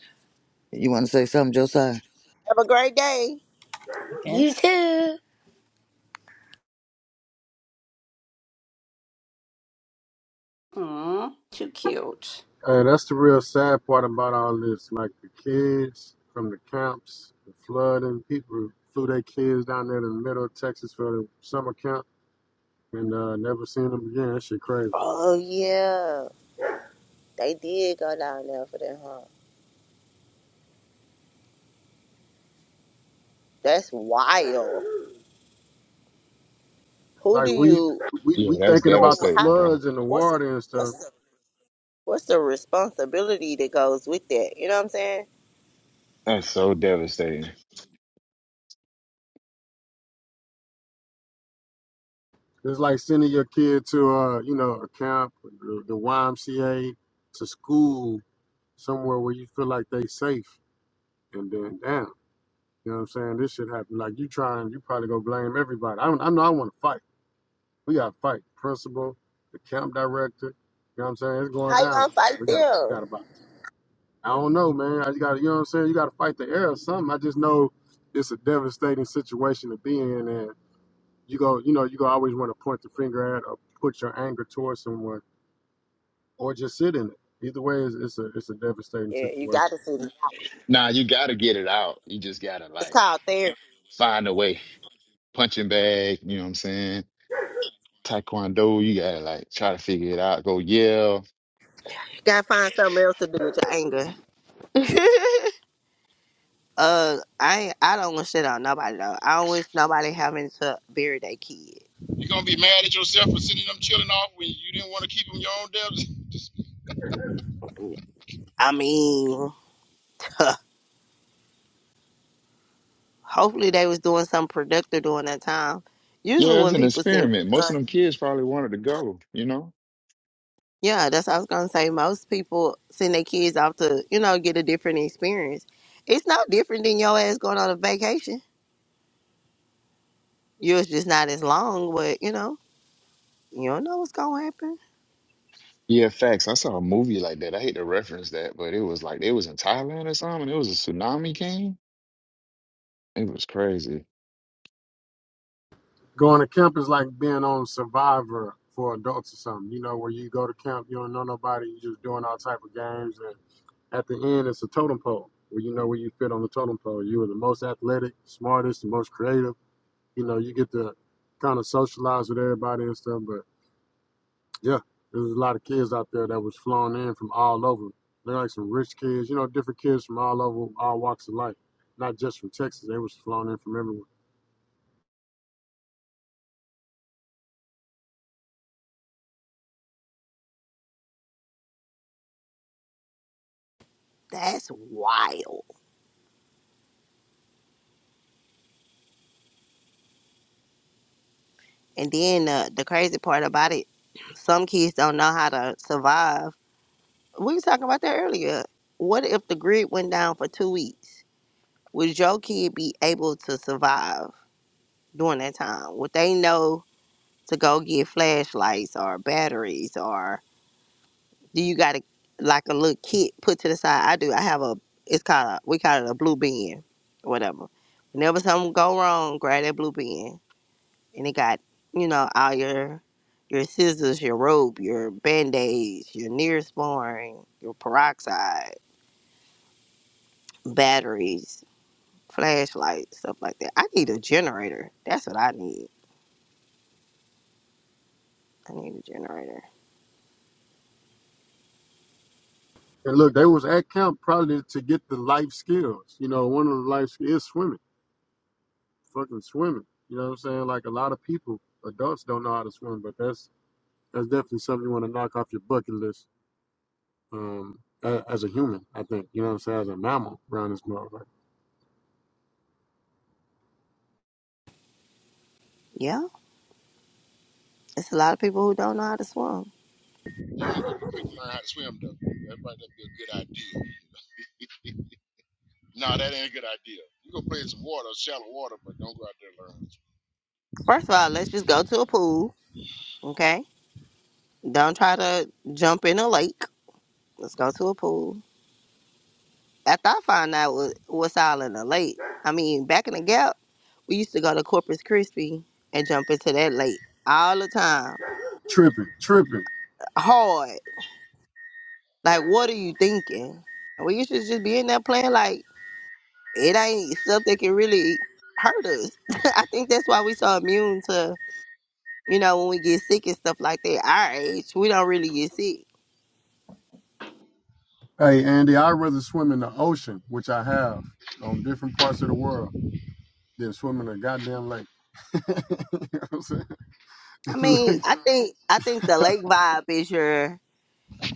[SPEAKER 5] You want to say something, Josiah?
[SPEAKER 2] Have a great day.
[SPEAKER 5] You too.
[SPEAKER 7] Aw, too cute.
[SPEAKER 6] Hey, that's the real sad part about all this. Like the kids from the camps, the flooding, people flew their kids down there to the middle of Texas for the summer camp and uh, never seen them again. That shit crazy.
[SPEAKER 2] Oh, yeah. They did go down there for that, huh? That's wild. Who
[SPEAKER 6] Like
[SPEAKER 2] do
[SPEAKER 6] we
[SPEAKER 2] you,
[SPEAKER 6] we
[SPEAKER 4] Yeah,
[SPEAKER 6] we
[SPEAKER 4] that's
[SPEAKER 6] thinking about the
[SPEAKER 2] ooh, how,
[SPEAKER 4] devastating, bro.
[SPEAKER 6] floods and the
[SPEAKER 2] what's the,
[SPEAKER 6] water and stuff
[SPEAKER 2] what's the, what's the responsibility that goes with that? You know what I'm saying?
[SPEAKER 4] That's so devastating.
[SPEAKER 6] It's like sending your kid to uh, you know, a camp, the the YMCA, to school somewhere where you feel like they safe, and then damn, you know what I'm saying? This shit happened. Like you trying, you probably gonna blame everybody. I don't, I know I want to fight. We got to fight. Principal, the camp director. You know what I'm saying? It's going
[SPEAKER 2] How you
[SPEAKER 6] down.
[SPEAKER 2] gonna fight
[SPEAKER 6] We got, to we
[SPEAKER 2] them?
[SPEAKER 6] got to box. I don't know, man. I just got, to you know what I'm saying? You got to fight the air or something. I just know it's a devastating situation to be in, and you go, you know, you go always want to point the finger at or put your anger towards someone or just sit in it. Either way, it's, it's a it's a devastating
[SPEAKER 2] Yeah, you got
[SPEAKER 6] situation.
[SPEAKER 2] to see.
[SPEAKER 4] Nah, you gotta get it out. You just gotta
[SPEAKER 2] It's
[SPEAKER 4] like
[SPEAKER 2] called therapy.
[SPEAKER 4] find a way. Punching bag, you know what I'm saying? Taekwondo, you gotta like try to figure it out. Go yell.
[SPEAKER 2] gotta find something else to do with your anger. uh, I ain't- I don't want to shit on nobody though. I don't wish nobody having to bury their kid.
[SPEAKER 1] You gonna be mad at yourself for sending them children off when you didn't want to keep them your own dubs? Just
[SPEAKER 2] I mean, huh, hopefully they was doing something productive during that time. Usually
[SPEAKER 4] Yeah, it's
[SPEAKER 2] when
[SPEAKER 4] an
[SPEAKER 2] people send,
[SPEAKER 4] experiment. Most
[SPEAKER 2] uh,
[SPEAKER 4] of them kids probably wanted to go, you know?
[SPEAKER 2] yeah, that's what I was gonna say. Most people send their kids off to you know get a different experience. It's no different than your ass going on a vacation. Yours just not as long, but you know you don't know what's gonna happen.
[SPEAKER 4] Yeah, facts. I saw a movie like that. I hate to reference that, but it was like it was in Thailand or something. It was a tsunami came. It was crazy.
[SPEAKER 6] Going to camp is like being on Survivor for adults or something. You know, where you go to camp, you don't know nobody, you're just doing all type of games, and at the end, it's a totem pole where you know where you fit on the totem pole. You are the most athletic, smartest, the most creative. You know, you get to kind of socialize with everybody and stuff, but Yeah, there's a lot of kids out there that was flown in from all over. They're like some rich kids, you know, different kids from all over, all walks of life, not just from Texas. They was flown in from everywhere.
[SPEAKER 2] That's wild. And then uh, the crazy part about it, some kids don't know how to survive. We was talking about that earlier. What if the grid went down for two weeks? Would your kid be able to survive during that time? Would they know to go get flashlights or batteries or do you got to like a little kit put to the side? I do. I have a. It's called a, we call it a blue bin, or whatever. Whenever something go wrong, grab that blue bin and it got you know all your your scissors, your rope, your band aids, your Neosporin, your peroxide, batteries, flashlights, stuff like that. I need a generator. That's what I need. I need a generator.
[SPEAKER 6] And look, they was at camp probably to get the life skills. You know, one of the life skills is swimming, fucking swimming. You know what I'm saying? Like a lot of people, adults don't know how to swim, but that's that's definitely something you want to knock off your bucket list um, as a human. I think you know what I'm saying, as a mammal around this motherfucker.
[SPEAKER 2] Yeah, it's a lot of people who don't know how to swim.
[SPEAKER 1] you gonna go to the creek and learn how to swim, though. That might not be a good idea. Nah, that ain't a good idea. You go play in some water, shallow water, but don't go out there and learn. how to
[SPEAKER 2] First of all, let's just go to a pool, okay? Don't try to jump in a lake. Let's go to a pool after I found out what, what's all in the lake, I mean, back in the gap, we used to go to Corpus Christi and jump into that lake all the time.
[SPEAKER 6] Tripping, tripping.
[SPEAKER 2] Hard. Like, what are you thinking? And we used to just be in there playing like it ain't stuff that can really hurt us. I think that's why we so immune to, you know, when we get sick and stuff like that. Our age, we don't really get sick.
[SPEAKER 6] Hey, Andy, I'd rather swim in the ocean, which I have on different parts of the world, than swim in a goddamn lake. you know what I'm saying?
[SPEAKER 2] I mean,
[SPEAKER 6] lakes.
[SPEAKER 2] I think I think the lake vibe is your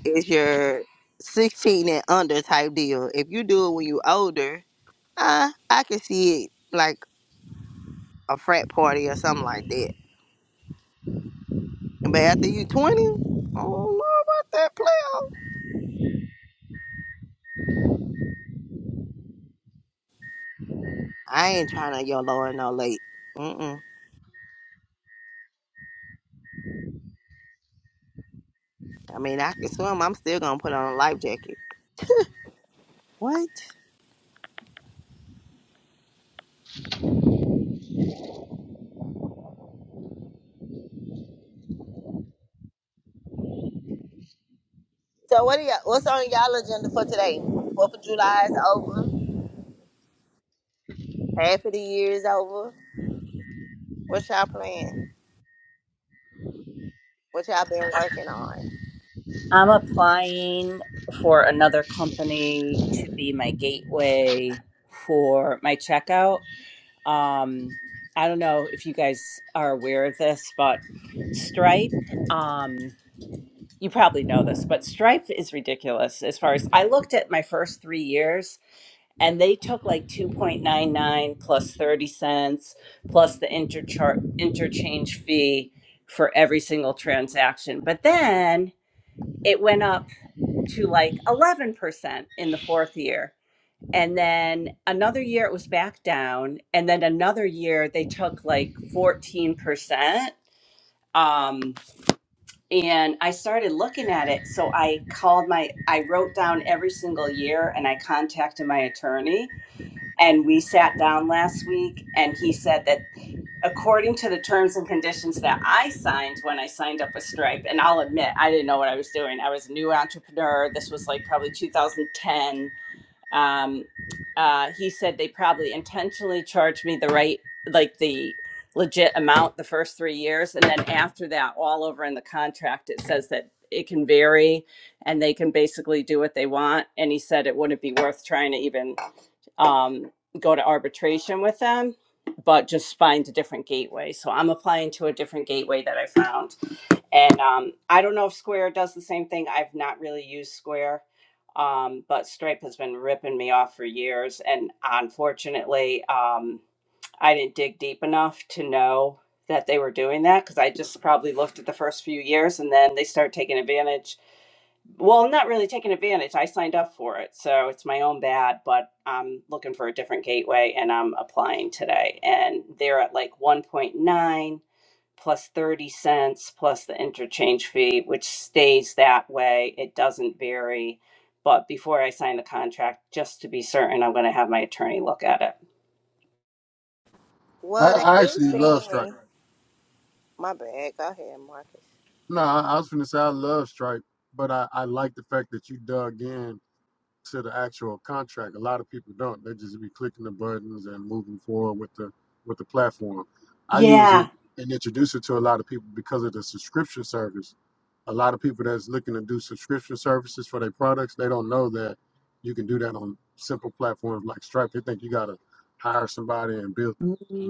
[SPEAKER 2] is your 16 and under type deal. If you do it when you older, uh, I can see it like a frat party or something like that. But after you 20, I don't know about that player. I ain't trying to yo lower no late. Mm-mm. I mean, I can swim. I'm still gonna put on a life jacket. What? So what do y'all? What's on y'all agenda for today? Fourth of July is over. Half of the year is over. What y'all plan? What y'all been working on?
[SPEAKER 7] I'm applying for another company to be my gateway for my checkout. Um, I don't know if you guys are aware of this, but Stripe, um, you probably know this, but Stripe is ridiculous as far as I looked at my first three years. and they took like 2.99 plus 30 cents plus the interchar- interchange fee for every single transaction but then it went up to like 11% in the fourth year and then another year it was back down and then another year they took like 14% um and i started looking at it so i called my i wrote down every single year and i contacted my attorney and we sat down last week and he said that according to the terms and conditions that I signed when I signed up with Stripe, and I'll admit I didn't know what I was doing. I was a new entrepreneur. This was like probably 2010 um, uh, he said they probably intentionally charged me the right, like the legit amount the first three years. And then after that, all over in the contract, it says that it can vary and they can basically do what they want. And he said it wouldn't be worth trying to even um, go to arbitration with them, but just find a different gateway. So I'm applying to a different gateway that I found. And um, I don't know if Square does the same thing. I've not really used Square, um, but Stripe has been ripping me off for years. And unfortunately, um, I didn't dig deep enough to know that they were doing that because I just probably looked at the first few years and then they started taking advantage. Well, not really taking advantage. I signed up for it. So it's my own bad, but I'm looking for a different gateway and I'm applying today. And they're at like 1.9 plus 30 cents plus the interchange fee, which stays that way. It doesn't vary. But before I sign the contract, just to be certain, I'm going to have my attorney look at it.
[SPEAKER 6] I,
[SPEAKER 2] Well, they
[SPEAKER 6] I
[SPEAKER 2] do
[SPEAKER 6] actually love
[SPEAKER 2] sing.
[SPEAKER 6] Stripe.
[SPEAKER 2] My bad. Go ahead, Marcus.
[SPEAKER 6] No, I, I was going to say I love Stripe, but I, I like the fact that you dug in to the actual contract. A lot of people don't. They just be clicking the buttons and moving forward with the with the platform. I use it and introduce it to a lot of people because of the subscription service. A lot of people that's looking to do subscription services for their products, they don't know that you can do that on simple platforms like Stripe. They think you gotta hire somebody and build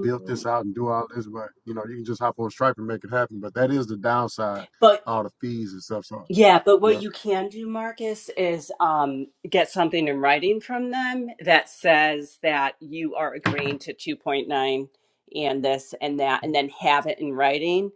[SPEAKER 6] build this out and do all this, but you know, you can just hop on Stripe and make it happen. But that is the downside,
[SPEAKER 7] But
[SPEAKER 6] all the fees and stuff. So
[SPEAKER 7] Yeah, but
[SPEAKER 6] yeah.
[SPEAKER 7] what you can do, Marcus, is um, get something in writing from them that says that you are agreeing to 2.9 and this and that, and then have it in writing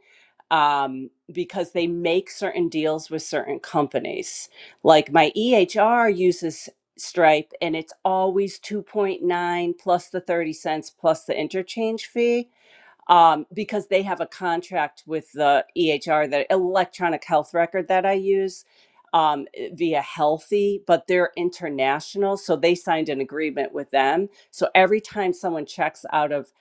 [SPEAKER 7] um, because they make certain deals with certain companies. Like my EHR uses Stripe, and it's always 2.9 plus the 30 cents plus the interchange fee um, because they have a contract with the EHR, the electronic health record that I use um, eh, via Healthy, but they're international. So they signed an agreement with them. So every time someone checks out of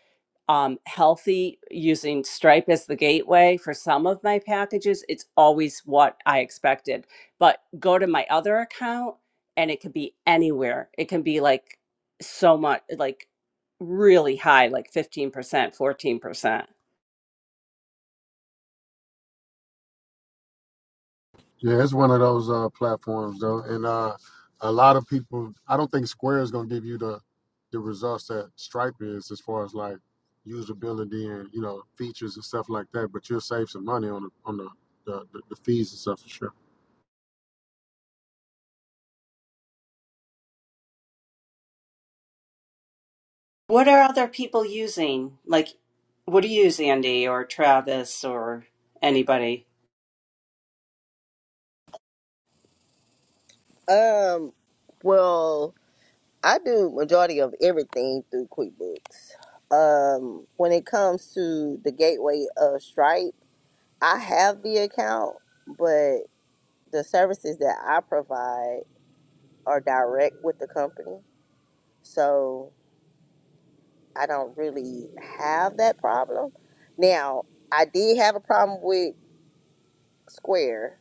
[SPEAKER 7] um, Healthy using Stripe as the gateway for some of my packages, it's always what I expected. But go to my other account and it could be anywhere. It can be like so much, like really high, like 15%, 14%.
[SPEAKER 6] Yeah, it's one of those uh, platforms though, and uh, a lot of people. I don't think Square is going to give you the the results that Stripe is, as far as like usability and you know features and stuff like that. But you'll save some money on the on the the, the, the fees and stuff for sure.
[SPEAKER 7] What are other people using? Like, what do you use, Andy or Travis or anybody?
[SPEAKER 2] Um, well, I do majority of everything through QuickBooks. Um, when it comes to the gateway of Stripe, I have the account, but the services that I provide are direct with the company. So I don't really have that problem. Now, I did have a problem with Square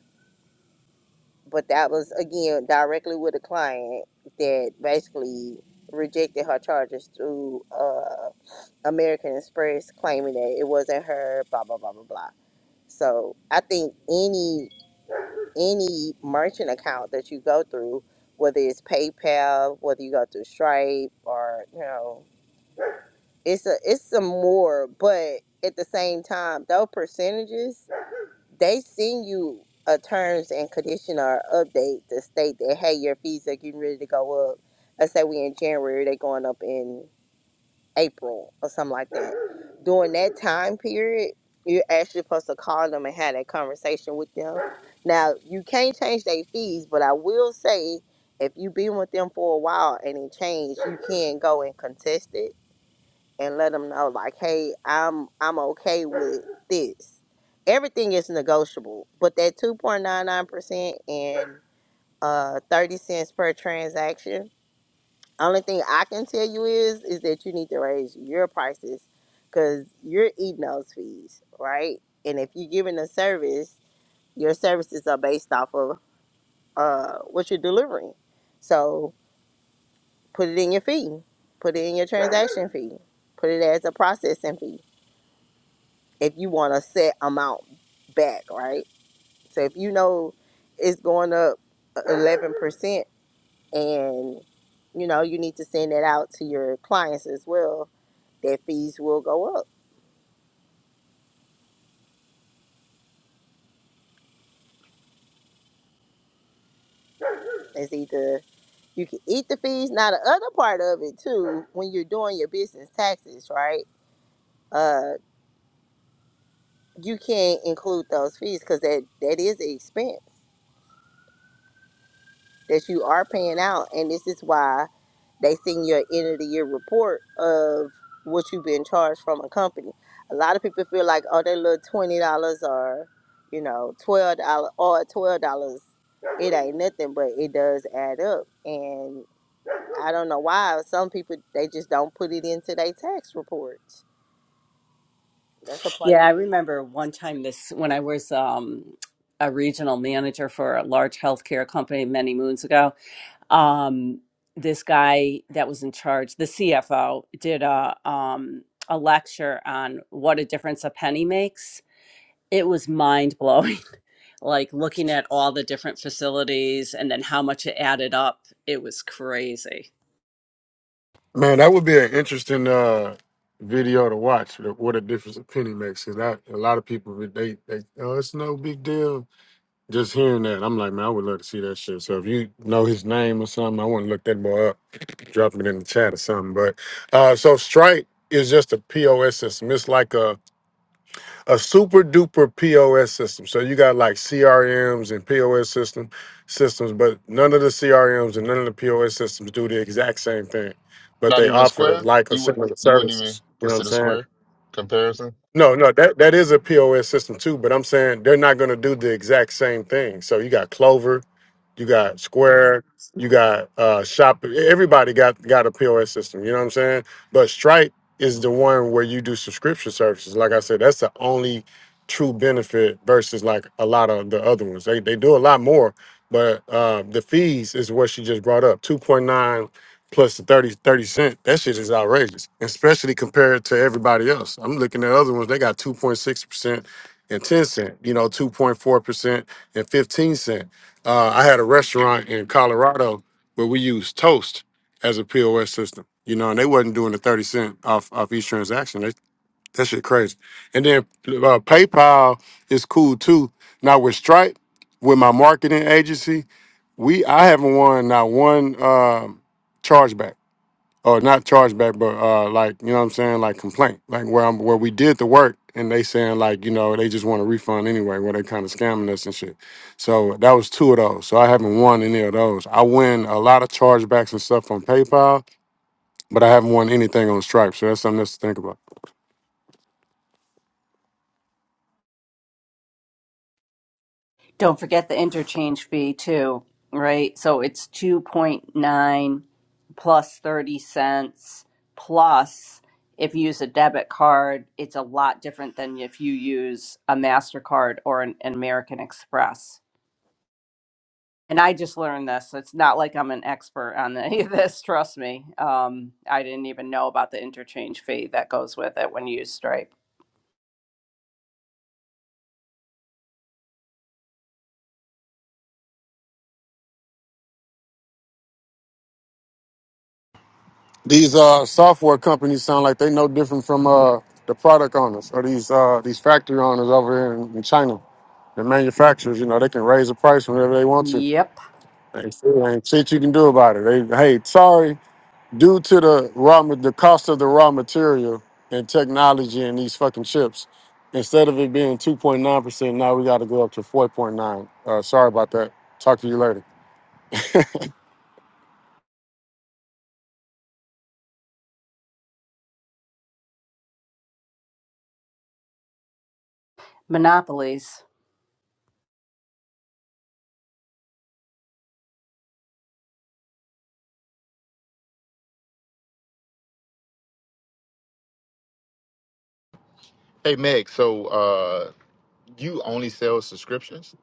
[SPEAKER 2] but that was again directly with a client that basically rejected her charges through uh, American Express, claiming that it wasn't her. Blah blah blah blah blah. So I think any any merchant account that you go through, whether it's PayPal, whether you go through Stripe, or you know, it's a it's some more. But at the same time, those percentages they send you a terms and conditioner update to state that hey, your fees are getting ready to go up. Let's say we in January, they going up in April or something like that. During that time period, you're actually supposed to call them and have that conversation with them. Now you can't change their fees, but I will say if you've been with them for a while and it changed, you can go and contest it and let them know like hey i'm i'm okay with this everything is negotiable but that 2.99% and uh 30 cents per transaction only thing i can tell you is is that you need to raise your prices because you're eating those fees right and if you're giving a service your services are based off of uh what you're delivering so put it in your fee put it in your transaction fee put it as a processing fee if you want a set amount back, right? So if you know it's going up eleven percent, and you know you need to send that out to your clients as well, their fees will go up. It's either you can eat the fees. Now the other part of it too, when you're doing your business taxes, right? Uh, you can't include those fees because that that is an expense that you are paying out, and this is why They send you an end of the year report of what you've been charged from a company. A lot of people feel like, oh, that little twenty dollars or, you know, twelve dollars or twelve dollars, it ain't nothing, but it does add up. And I don't know why some people they just don't put it into their tax reports. That's a part
[SPEAKER 7] Yeah,
[SPEAKER 2] of
[SPEAKER 7] I
[SPEAKER 2] it.
[SPEAKER 7] remember one time this when I was um, a regional manager for a large healthcare company many moons ago. Um, this guy that was in charge, the CFO, did a um, a lecture on what a difference a penny makes. It was mind blowing. like looking at all the different facilities and then how much it added up, it was crazy.
[SPEAKER 6] Man, that would be an interesting uh, video to watch. the- What a difference a penny makes. Cause I, a lot of people they they oh it's no big deal. Just hearing that, I'm like man, I would love to see that shit. So if you know his name or something, I want to look that boy up. dropping it in the chat or something. But uh, so Stripe is just a POS system. It's like a, a super duper POS system. So you got like CRMs and POS system systems, but none of the CRMs and none of the POS systems do the exact same thing. But
[SPEAKER 4] Not
[SPEAKER 6] they
[SPEAKER 4] even
[SPEAKER 6] offer
[SPEAKER 4] square?
[SPEAKER 6] like or
[SPEAKER 4] You would
[SPEAKER 6] similar
[SPEAKER 4] you wouldn't even
[SPEAKER 6] services. You know what I'm
[SPEAKER 4] consider
[SPEAKER 6] saying?
[SPEAKER 4] square comparison?
[SPEAKER 6] No, no, that, that is a POS system too, but I'm saying they're not gonna do the exact same thing. So you got Clover, you got Square. You got uh, Shop. Everybody got got a POS system. You know what I'm saying? But Stripe is the one where you do subscription services. Like I said, that's the only true benefit versus like a lot of the other ones. They they do a lot more, but uh, the fees is what she just brought up. Two point nine plus the thirty thirty cent. That shit is outrageous, especially compared to everybody else. I'm looking at other ones. They got two point six percent and ten cent. You know, two point four percent and fifteen cent uh, I had a restaurant in Colorado where we used Toast as a POS system. You know, and they wasn't doing the thirty cent off off each transaction. They, that shit crazy. And then uh, PayPal is cool too. Now with Stripe, with my marketing agency, we I haven't won not one um, chargeback or not chargeback, but uh, like you know what I'm saying, like complaint, like where I'm where we did the work and they saying like you know they just want a refund anyway, where they kind of scamming us and shit. So that was two of those. So I haven't won any of those. I win a lot of chargebacks and stuff on PayPal, but I haven't won anything on Stripe. So that's something else to think about.
[SPEAKER 7] Don't forget the interchange fee too, right? So it's 2.9 plus 30 cents plus if you use a debit card, it's a lot different than if you use a MasterCard or an, an American Express. And I just learned this. so It's not like I'm an expert on any of this, trust me. Um, I didn't even know about the interchange fee that goes with it when you use Stripe.
[SPEAKER 6] These uh, software companies sound like they no different from uh, the product owners or these uh, these factory owners over here in, in China. The manufacturers, you know, they can raise the price whenever they want to.
[SPEAKER 7] Yep,
[SPEAKER 6] Ain't shit ain't shit you can do about it. They, hey, sorry, due to the raw, ma- the cost of the raw material and technology and these fucking chips, instead of it being two point nine percent, now we got to go up to four point nine. Uh, sorry about that. Talk to you later.
[SPEAKER 7] monopolies.
[SPEAKER 4] Hey Meg, so uh you only sell subscriptions?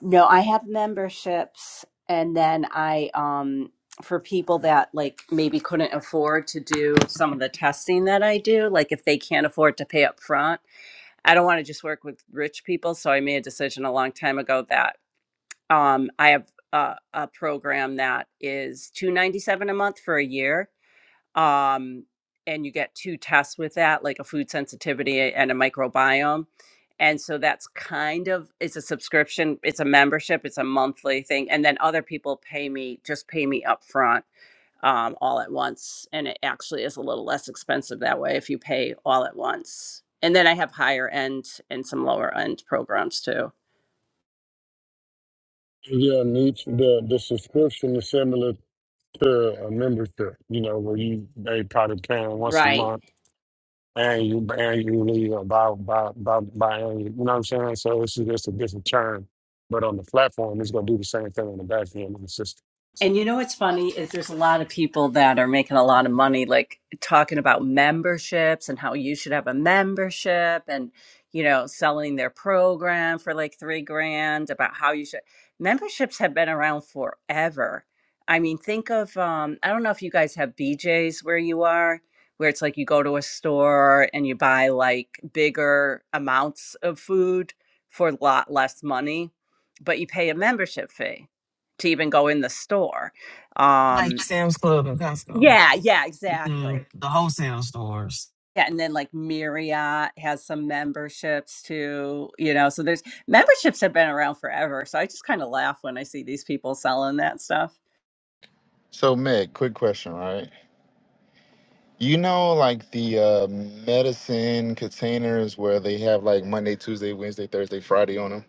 [SPEAKER 7] No, I have memberships and then I um for people that like maybe couldn't afford to do some of the testing that I do, like if they can't afford to pay up front, I don't want to just work with rich people, so I made a decision a long time ago that um I have a, a program that is 297 a month for a year um, and you get two tests with that, like a food sensitivity and a microbiome. And so that's kind of it's a subscription, it's a membership, it's a monthly thing, and then other people pay me just pay me up front um, all at once, and it actually is a little less expensive that way if you pay all at once. And then I have higher end and some lower end programs too.
[SPEAKER 6] Yeah, and each the the subscription is similar to a membership. You know, where you they probably paying once a
[SPEAKER 7] Right.
[SPEAKER 6] month, and you annually or by by by by You know what I'm saying? So it's just a different term, but on the platform, it's gonna do the same
[SPEAKER 7] And you know what's funny is there's a lot of people that are making a lot of money, like talking about memberships and how you should have a membership and, you know, selling their program for like three grand about how you should. Memberships have been around forever. I mean, think of, um, I don't know if you guys have BJ's where you are, where it's like you go to a store and you buy like bigger amounts of food for a lot less money, but you pay a membership fee to even go in the store. Um,
[SPEAKER 8] like Sam's Club and Costco,
[SPEAKER 7] yeah, yeah, exactly.
[SPEAKER 8] the, the wholesale stores.
[SPEAKER 7] Yeah, and then like Marriott has some memberships too, you know. So there's memberships have been around forever. So I just kind of laugh when I see these people selling that stuff.
[SPEAKER 4] So Meg, quick question, right? You know, like the uh, medicine containers where they have like Monday, Tuesday, Wednesday, Thursday, Friday on them.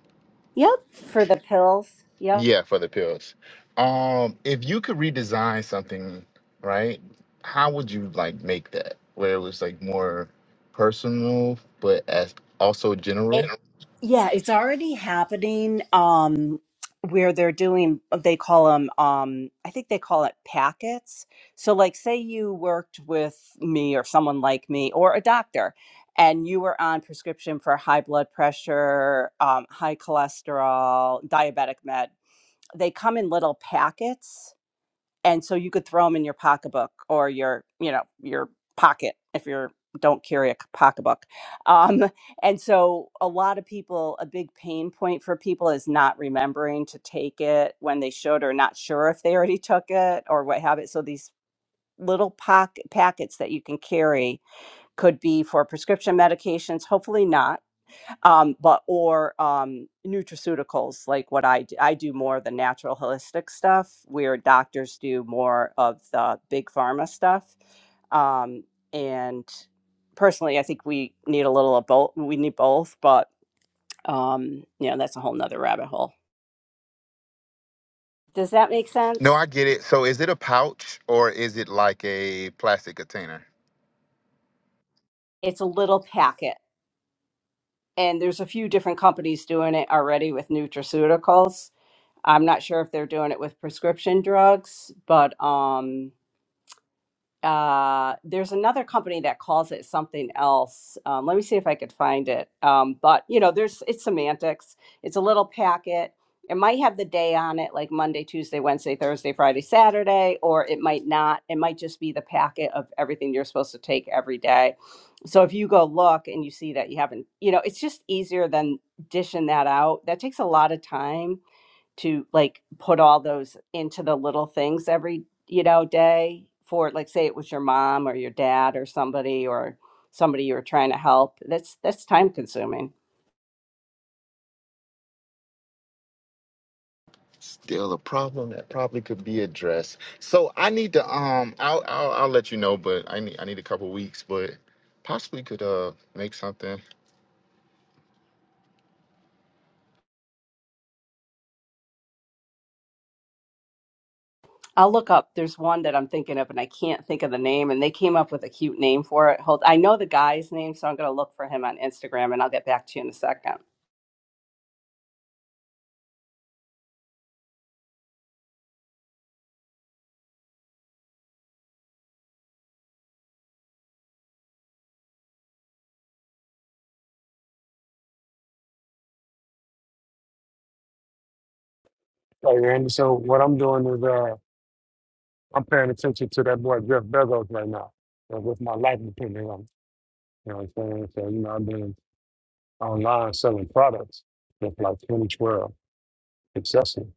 [SPEAKER 7] Yep. For the pills.
[SPEAKER 4] Yeah, for the pills. Um, if you could redesign something, right? How would you like make that where it was like more personal, but as also
[SPEAKER 7] It,
[SPEAKER 4] general?
[SPEAKER 7] yeah, it's already happening. Um, where they're doing, they call them. Um, I think they call it packets. So, like, say you worked with me or someone like me or a doctor, and you were on prescription for high blood pressure, um, high cholesterol, diabetic med. They come in little packets and so you could throw them in your pocketbook or your you know your pocket if you are don't carry a c- pocketbook um, and so a lot of people a big pain point for people is not remembering to take it when they should or not sure if they already took it or what have it so these little pocket packets that you can carry could be for prescription medications hopefully not um, but or um, nutraceuticals like what I do. I do more of the natural holistic stuff, where doctors do more of the big pharma stuff. Um, and personally, I think we need a little of both. We need both, but um, you know that's a whole nother rabbit hole. Does that make
[SPEAKER 4] No,
[SPEAKER 7] sense?
[SPEAKER 4] I get it. So, is it a pouch or is it like a plastic container?
[SPEAKER 7] It's a little packet, and there's a few different companies doing it already with nutraceuticals. I'm not sure if they're doing it with prescription drugs, but um, uh, there's another company that calls it something else. Um, let me see if I could find it. Um, but you know, there's it's semantics. It's a little packet. It might have the day on it, like Monday, Tuesday, Wednesday, Thursday, Friday, Saturday, or it might not. It might just be the packet of everything you're supposed to take every day. So if you go look and you see that you haven't, you know, it's just easier than dishing that out. That takes a lot of time to like put all those into the little things every you know day for like say it was your mom or your dad or somebody or somebody you were trying to help that's that's time consuming
[SPEAKER 4] still a problem that probably could be addressed. So I need to um I'll I'll, I'll let you know, but I need I need a couple weeks, but possibly could uh make something.
[SPEAKER 7] i'll look up there's one that i'm thinking of and i can't think of the name and they came up with a cute name for it hold i know the guy's name so i'm going to look for him on instagram and i'll get back to you in a second
[SPEAKER 6] Like, and so what I'm doing is uh, I'm paying attention to that boy Jeff Bezos right now, uh, with my life depending on. You know what I'm saying? So you know, I've been online selling products since like 2012, successful,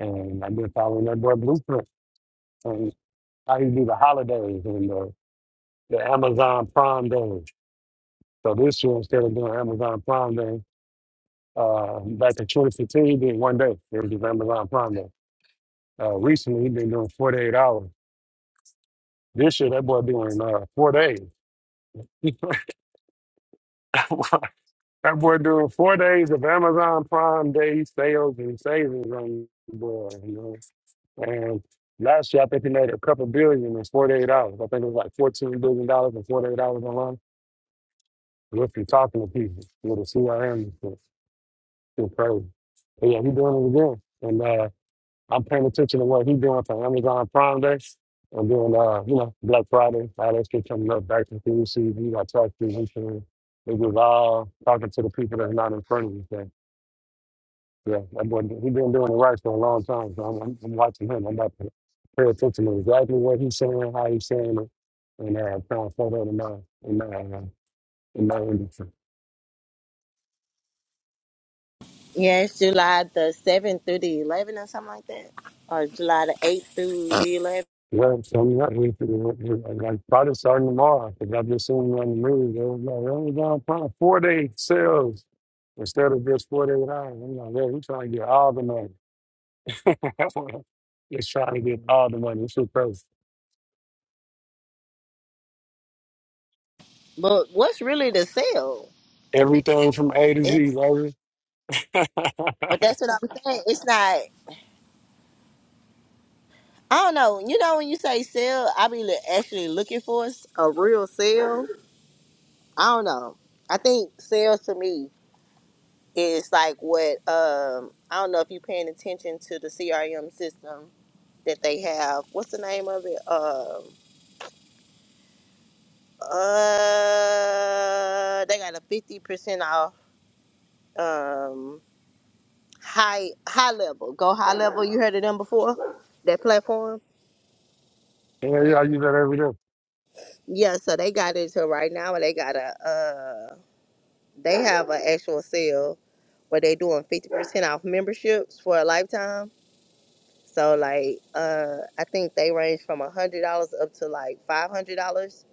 [SPEAKER 6] and I've been following that boy blueprint and how you do the holidays and the, the Amazon Prime Days. So this year, instead of doing Amazon Prime Day, uh, back in 2015, he did one day. It was just Amazon Prime Day. Uh, recently, he been doing 48 hours. This year, that boy doing uh, four days. that boy doing four days of Amazon Prime Day sales and savings on the boy, you know. And last year, I think he made a couple billion in 48 hours. I think it was like $14 billion and $48 online. Just from talking to people with a CRM, it's it's crazy. But yeah, he's doing it again. and. uh, I'm paying attention to what he's doing for Amazon Prime Day and doing uh, you know, Black Friday, all that shit coming up, back to food season, you got tax season. It was all talking to the people that's not in front of you. So, yeah, that boy, he's been doing it right for a long time. So I'm, I'm, I'm watching him. I'm about to pay attention to exactly what he's saying, how he's saying it, and uh, trying to throw that in my, in my, uh, in my industry.
[SPEAKER 2] yeah, it's July the seventh through the eleventh or something like that, or July the eighth through the eleventh.
[SPEAKER 6] Well, so you got we we, we, like probably starting tomorrow because I've just seen you on the news. They was like, "We're only going to four day sales instead of just four hours. I'm like, yeah, we're trying to get all the money. Just trying to get all the money. It's just crazy.
[SPEAKER 2] But what's really the sale?
[SPEAKER 6] Everything from A to
[SPEAKER 2] It,
[SPEAKER 6] Z, baby. yeah,
[SPEAKER 2] but that's what I'm saying. It's not. I don't know. You know when you say sell, I be li- actually looking for s- a real sale. I don't know. I think sales to me is like what um I don't know if you paying attention to the CRM system that they have. What's the name of it? Um uh they got a fifty percent off um high high level. Go high level, you heard of them before? That platform?
[SPEAKER 6] yeah, I use that every day.
[SPEAKER 2] Yeah, so they got it to right now and they got a uh, They have an actual sale where they doing fifty percent off memberships for a lifetime. So like, uh, I think they range from a hundred dollars up to like five hundred dollars.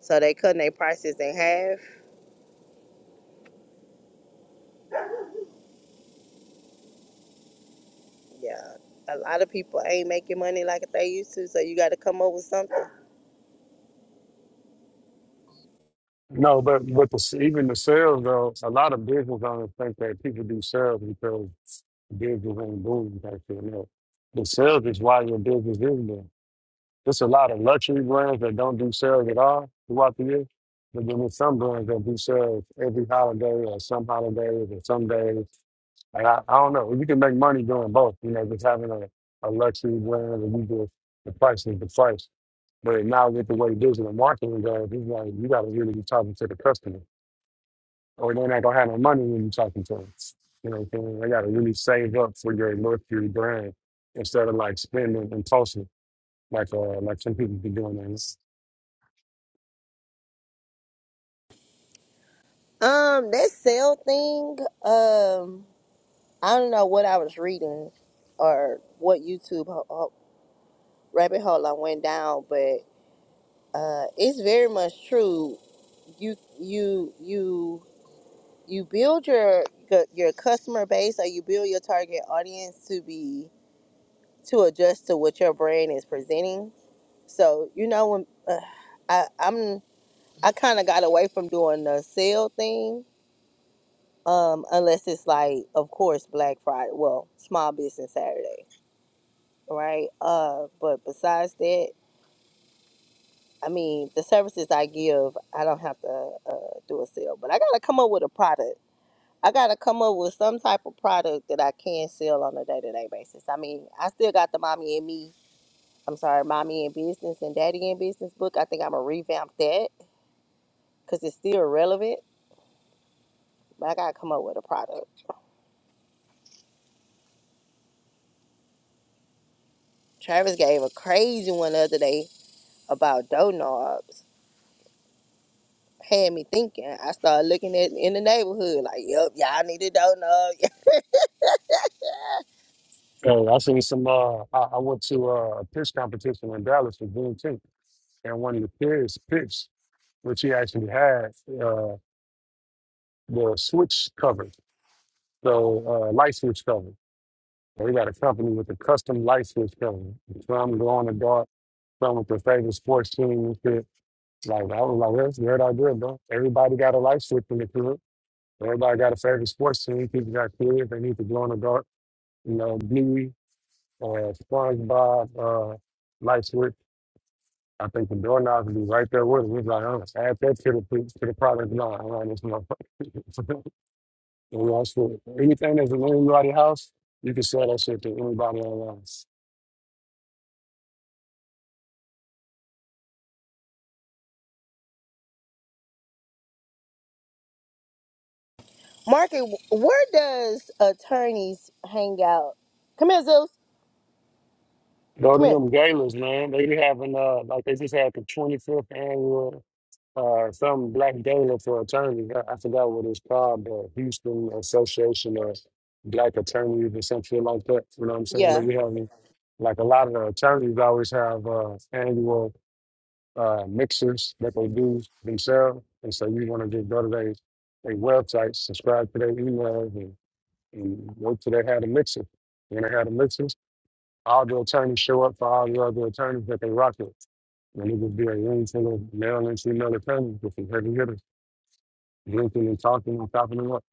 [SPEAKER 2] So they cutting their prices in half. Yeah, a lot of people ain't making money like they used to. So you got to come up with something.
[SPEAKER 6] No, but but the, even the sales though, a lot of business owners think that people do sales because business ain't booming. Actually, no, the sales is why your business is booming. There's a lot of luxury brands that don't do sales at all throughout the year. But then there's some brands that do sales every holiday or some holidays or some days. Like I, I don't know. You can make money doing both, you know, just having a, a luxury brand and you just the price is the price. But now with the way digital marketing goes, it's like you gotta really be talking to the customer. Or they're not gonna have no money when you're talking to them. You know what I'm saying? They gotta really save up for your luxury brand instead of like spending and tossing like uh like some people be doing that.
[SPEAKER 2] Um, that sale thing. Um, I don't know what I was reading or what YouTube ho- ho- rabbit hole I went down, but uh, it's very much true. you you you you build your your customer base or you build your target audience to be to adjust to what your brand is presenting. So you know when uh, I I'm I kind of got away from doing the sale thing, um, unless it's like of course Black Friday, well Small Business Saturday, right? Uh, but besides that. I mean, the services I give, I don't have to uh, do a sale, but I gotta come up with a product I gotta come up with some type of product that I can sell on a day to day basis. I mean, I still got the mommy and me. I'm sorry, mommy in business and daddy in business book. I think I'm gonna revamp that because it's still relevant. But I gotta come up with a product. Travis gave a crazy one the other day about dough knobs. Had me thinking. I started looking at in the neighborhood like, yep, y'all need a dough knob."
[SPEAKER 6] Hey, I seen some. Uh, I, I went to uh, a pitch competition in Dallas for Juneteenth, and one of the kids pitched, which he actually had uh, the switch covered, so uh, light switch covered. They got a company with a custom light switch cover. Some glow in the dark, some with their favorite sports team and shit. Like I was like, that's a great idea, bro. Everybody got a light switch in the club. Everybody got a favorite sports team. People got kids. They need to glow in the dark. You know, Bluey or SpongeBob. Uh, light switch. I think the door knobs be right there with it. He's like, oh, add that to the to the product line around this motherfucker. and we all swear, anything that's in anybody's house, you can sell that shit to anybody online.
[SPEAKER 2] Market, where does attorneys hang out? Come here, Zeus.
[SPEAKER 6] Go
[SPEAKER 2] Come
[SPEAKER 6] to
[SPEAKER 2] here.
[SPEAKER 6] them galas, man. They be having uh like they just had the twenty fifth annual uh some black gala for attorneys. I, I forgot what it's called, the Houston Association of Black Attorneys or something like that. You know what I'm saying? They
[SPEAKER 2] Yeah.
[SPEAKER 6] be having like a lot of the attorneys always have uh annual uh, mixers that they do themselves. And so you want to just go to their, their website, subscribe to their emails, and, and go to their had a mixer. When they had a mixers, all the attorneys show up for all the other attorneys that they rock with. And it would be a room full of male and female attorneys with some heavy hitters, drinking and talking and chopping them up.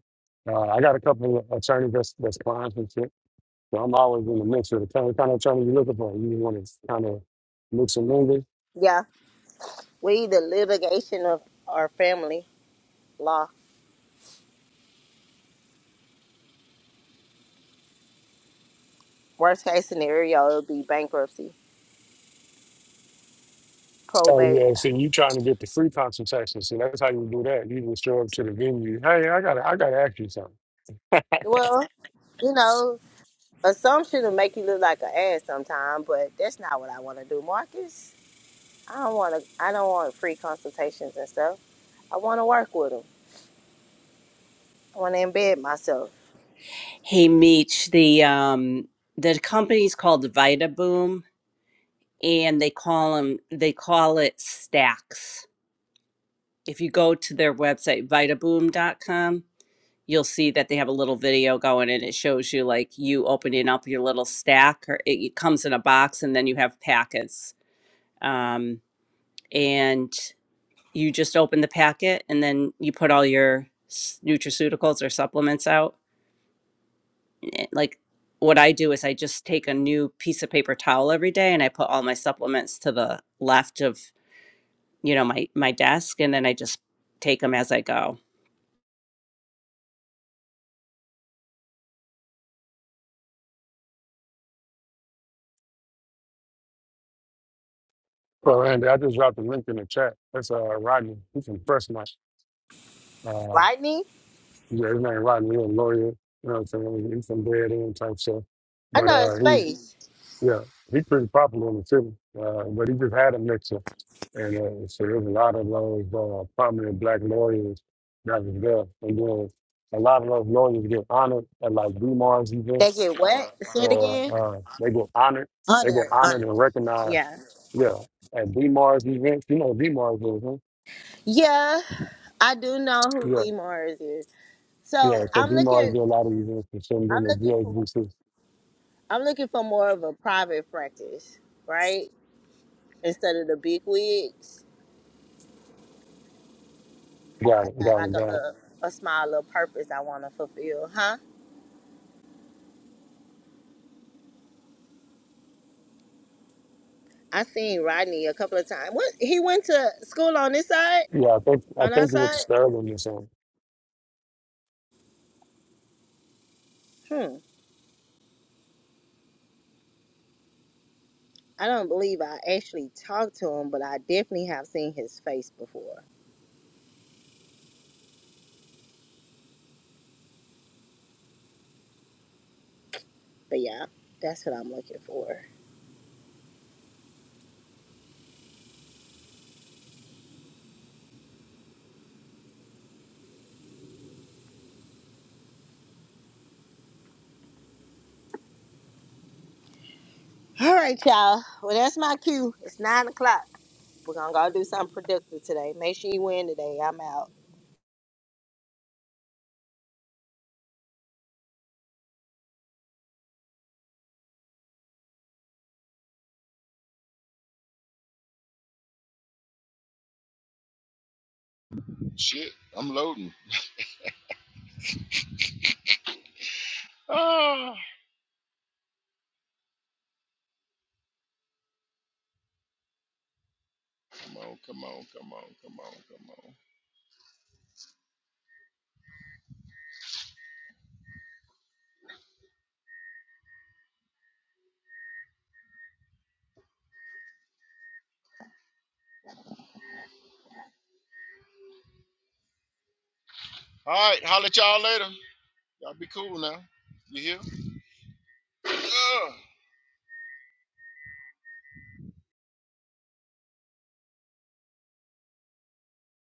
[SPEAKER 6] Uh, I got a couple of attorneys that's, that's clients and shit, so I'm always in the mix with the kind of, kind of attorney you're looking for. You want to kind of mix and mingle,
[SPEAKER 2] Yeah. We, the litigation of our family law, worst case scenario, it would be bankruptcy,
[SPEAKER 6] So
[SPEAKER 2] probate.
[SPEAKER 6] yeah, see, you trying to get the free consultation. See, that's how you do that. You just show up to the venue. Hey, I gotta, I gotta ask you something.
[SPEAKER 2] Well, you know, assumption will make you look like an ass sometime, but that's not what I want to do, Marcus. I don't want to. I don't want free consultations and stuff. I want to work with them. I want to embed myself.
[SPEAKER 7] Hey Meech, the um the company's called Vitaboom and they call them they call it stacks. if you go to their website Vitaboom dot com, you'll see that they have a little video going and it shows you like you opening up your little stack or it, it comes in a box and then you have packets um, and you just open the packet and then you put all your s- nutraceuticals or supplements out Eh, like what i do is i just take a new piece of paper towel every day and i put all my supplements to the left of you know my my desk and then i just take them as i go
[SPEAKER 6] Well, Andy, I just dropped a link in the chat. That's uh Rodney. He's from Prescott. Uh,
[SPEAKER 2] Lightning.
[SPEAKER 6] yeah, his name Rodney. He's a lawyer. You know what I'm saying? He's from Dead End type stuff.
[SPEAKER 2] I
[SPEAKER 6] But
[SPEAKER 2] know
[SPEAKER 6] uh,
[SPEAKER 2] his
[SPEAKER 6] he,
[SPEAKER 2] face.
[SPEAKER 6] yeah, he's pretty popular in the city. Uh, but he just had a mixer, and uh, so there's a lot of those uh, prominent black lawyers that was there. And then a lot of those lawyers get honored at like D Mar's
[SPEAKER 2] They
[SPEAKER 6] events
[SPEAKER 2] get wet. Say it
[SPEAKER 6] or
[SPEAKER 2] again.
[SPEAKER 6] uh, they get honored. They get
[SPEAKER 2] Honor.
[SPEAKER 6] honored
[SPEAKER 2] Honor.
[SPEAKER 6] and recognized.
[SPEAKER 2] Yeah.
[SPEAKER 6] Yeah, at D Mars events, you know D Mars is, huh?
[SPEAKER 2] Yeah. I do know who
[SPEAKER 6] Yeah,
[SPEAKER 2] D Mars is. So
[SPEAKER 6] yeah. So
[SPEAKER 2] I'm
[SPEAKER 6] D Mars
[SPEAKER 2] looking.
[SPEAKER 6] do a lot of events for some
[SPEAKER 2] I'm
[SPEAKER 6] doing the
[SPEAKER 2] looking for
[SPEAKER 6] GHBC.
[SPEAKER 2] I'm looking for more of a private practice, right? Instead of the big wigs. I
[SPEAKER 6] Got it,
[SPEAKER 2] got
[SPEAKER 6] got
[SPEAKER 2] like
[SPEAKER 6] it,
[SPEAKER 2] a
[SPEAKER 6] got it.
[SPEAKER 2] little a small little purpose I wanna fulfill, huh? I seen Rodney a couple of times. What he went to school on this side?
[SPEAKER 6] Yeah, I think I
[SPEAKER 2] On our
[SPEAKER 6] think it was the
[SPEAKER 2] side?
[SPEAKER 6] Sterling or something.
[SPEAKER 2] Hmm. I don't believe I actually talked to him, but I definitely have seen his face before. But yeah, that's what I'm looking for. All right, y'all. Well, that's my cue. It's nine o'clock. We're gonna go do something productive today. Make sure you win today. I'm out.
[SPEAKER 1] swim. Shit, I'm loading. Ah, come on, come on, come on, come on, come on. All right, holler at y'all later. Y'all be cool now. You hear? Mm.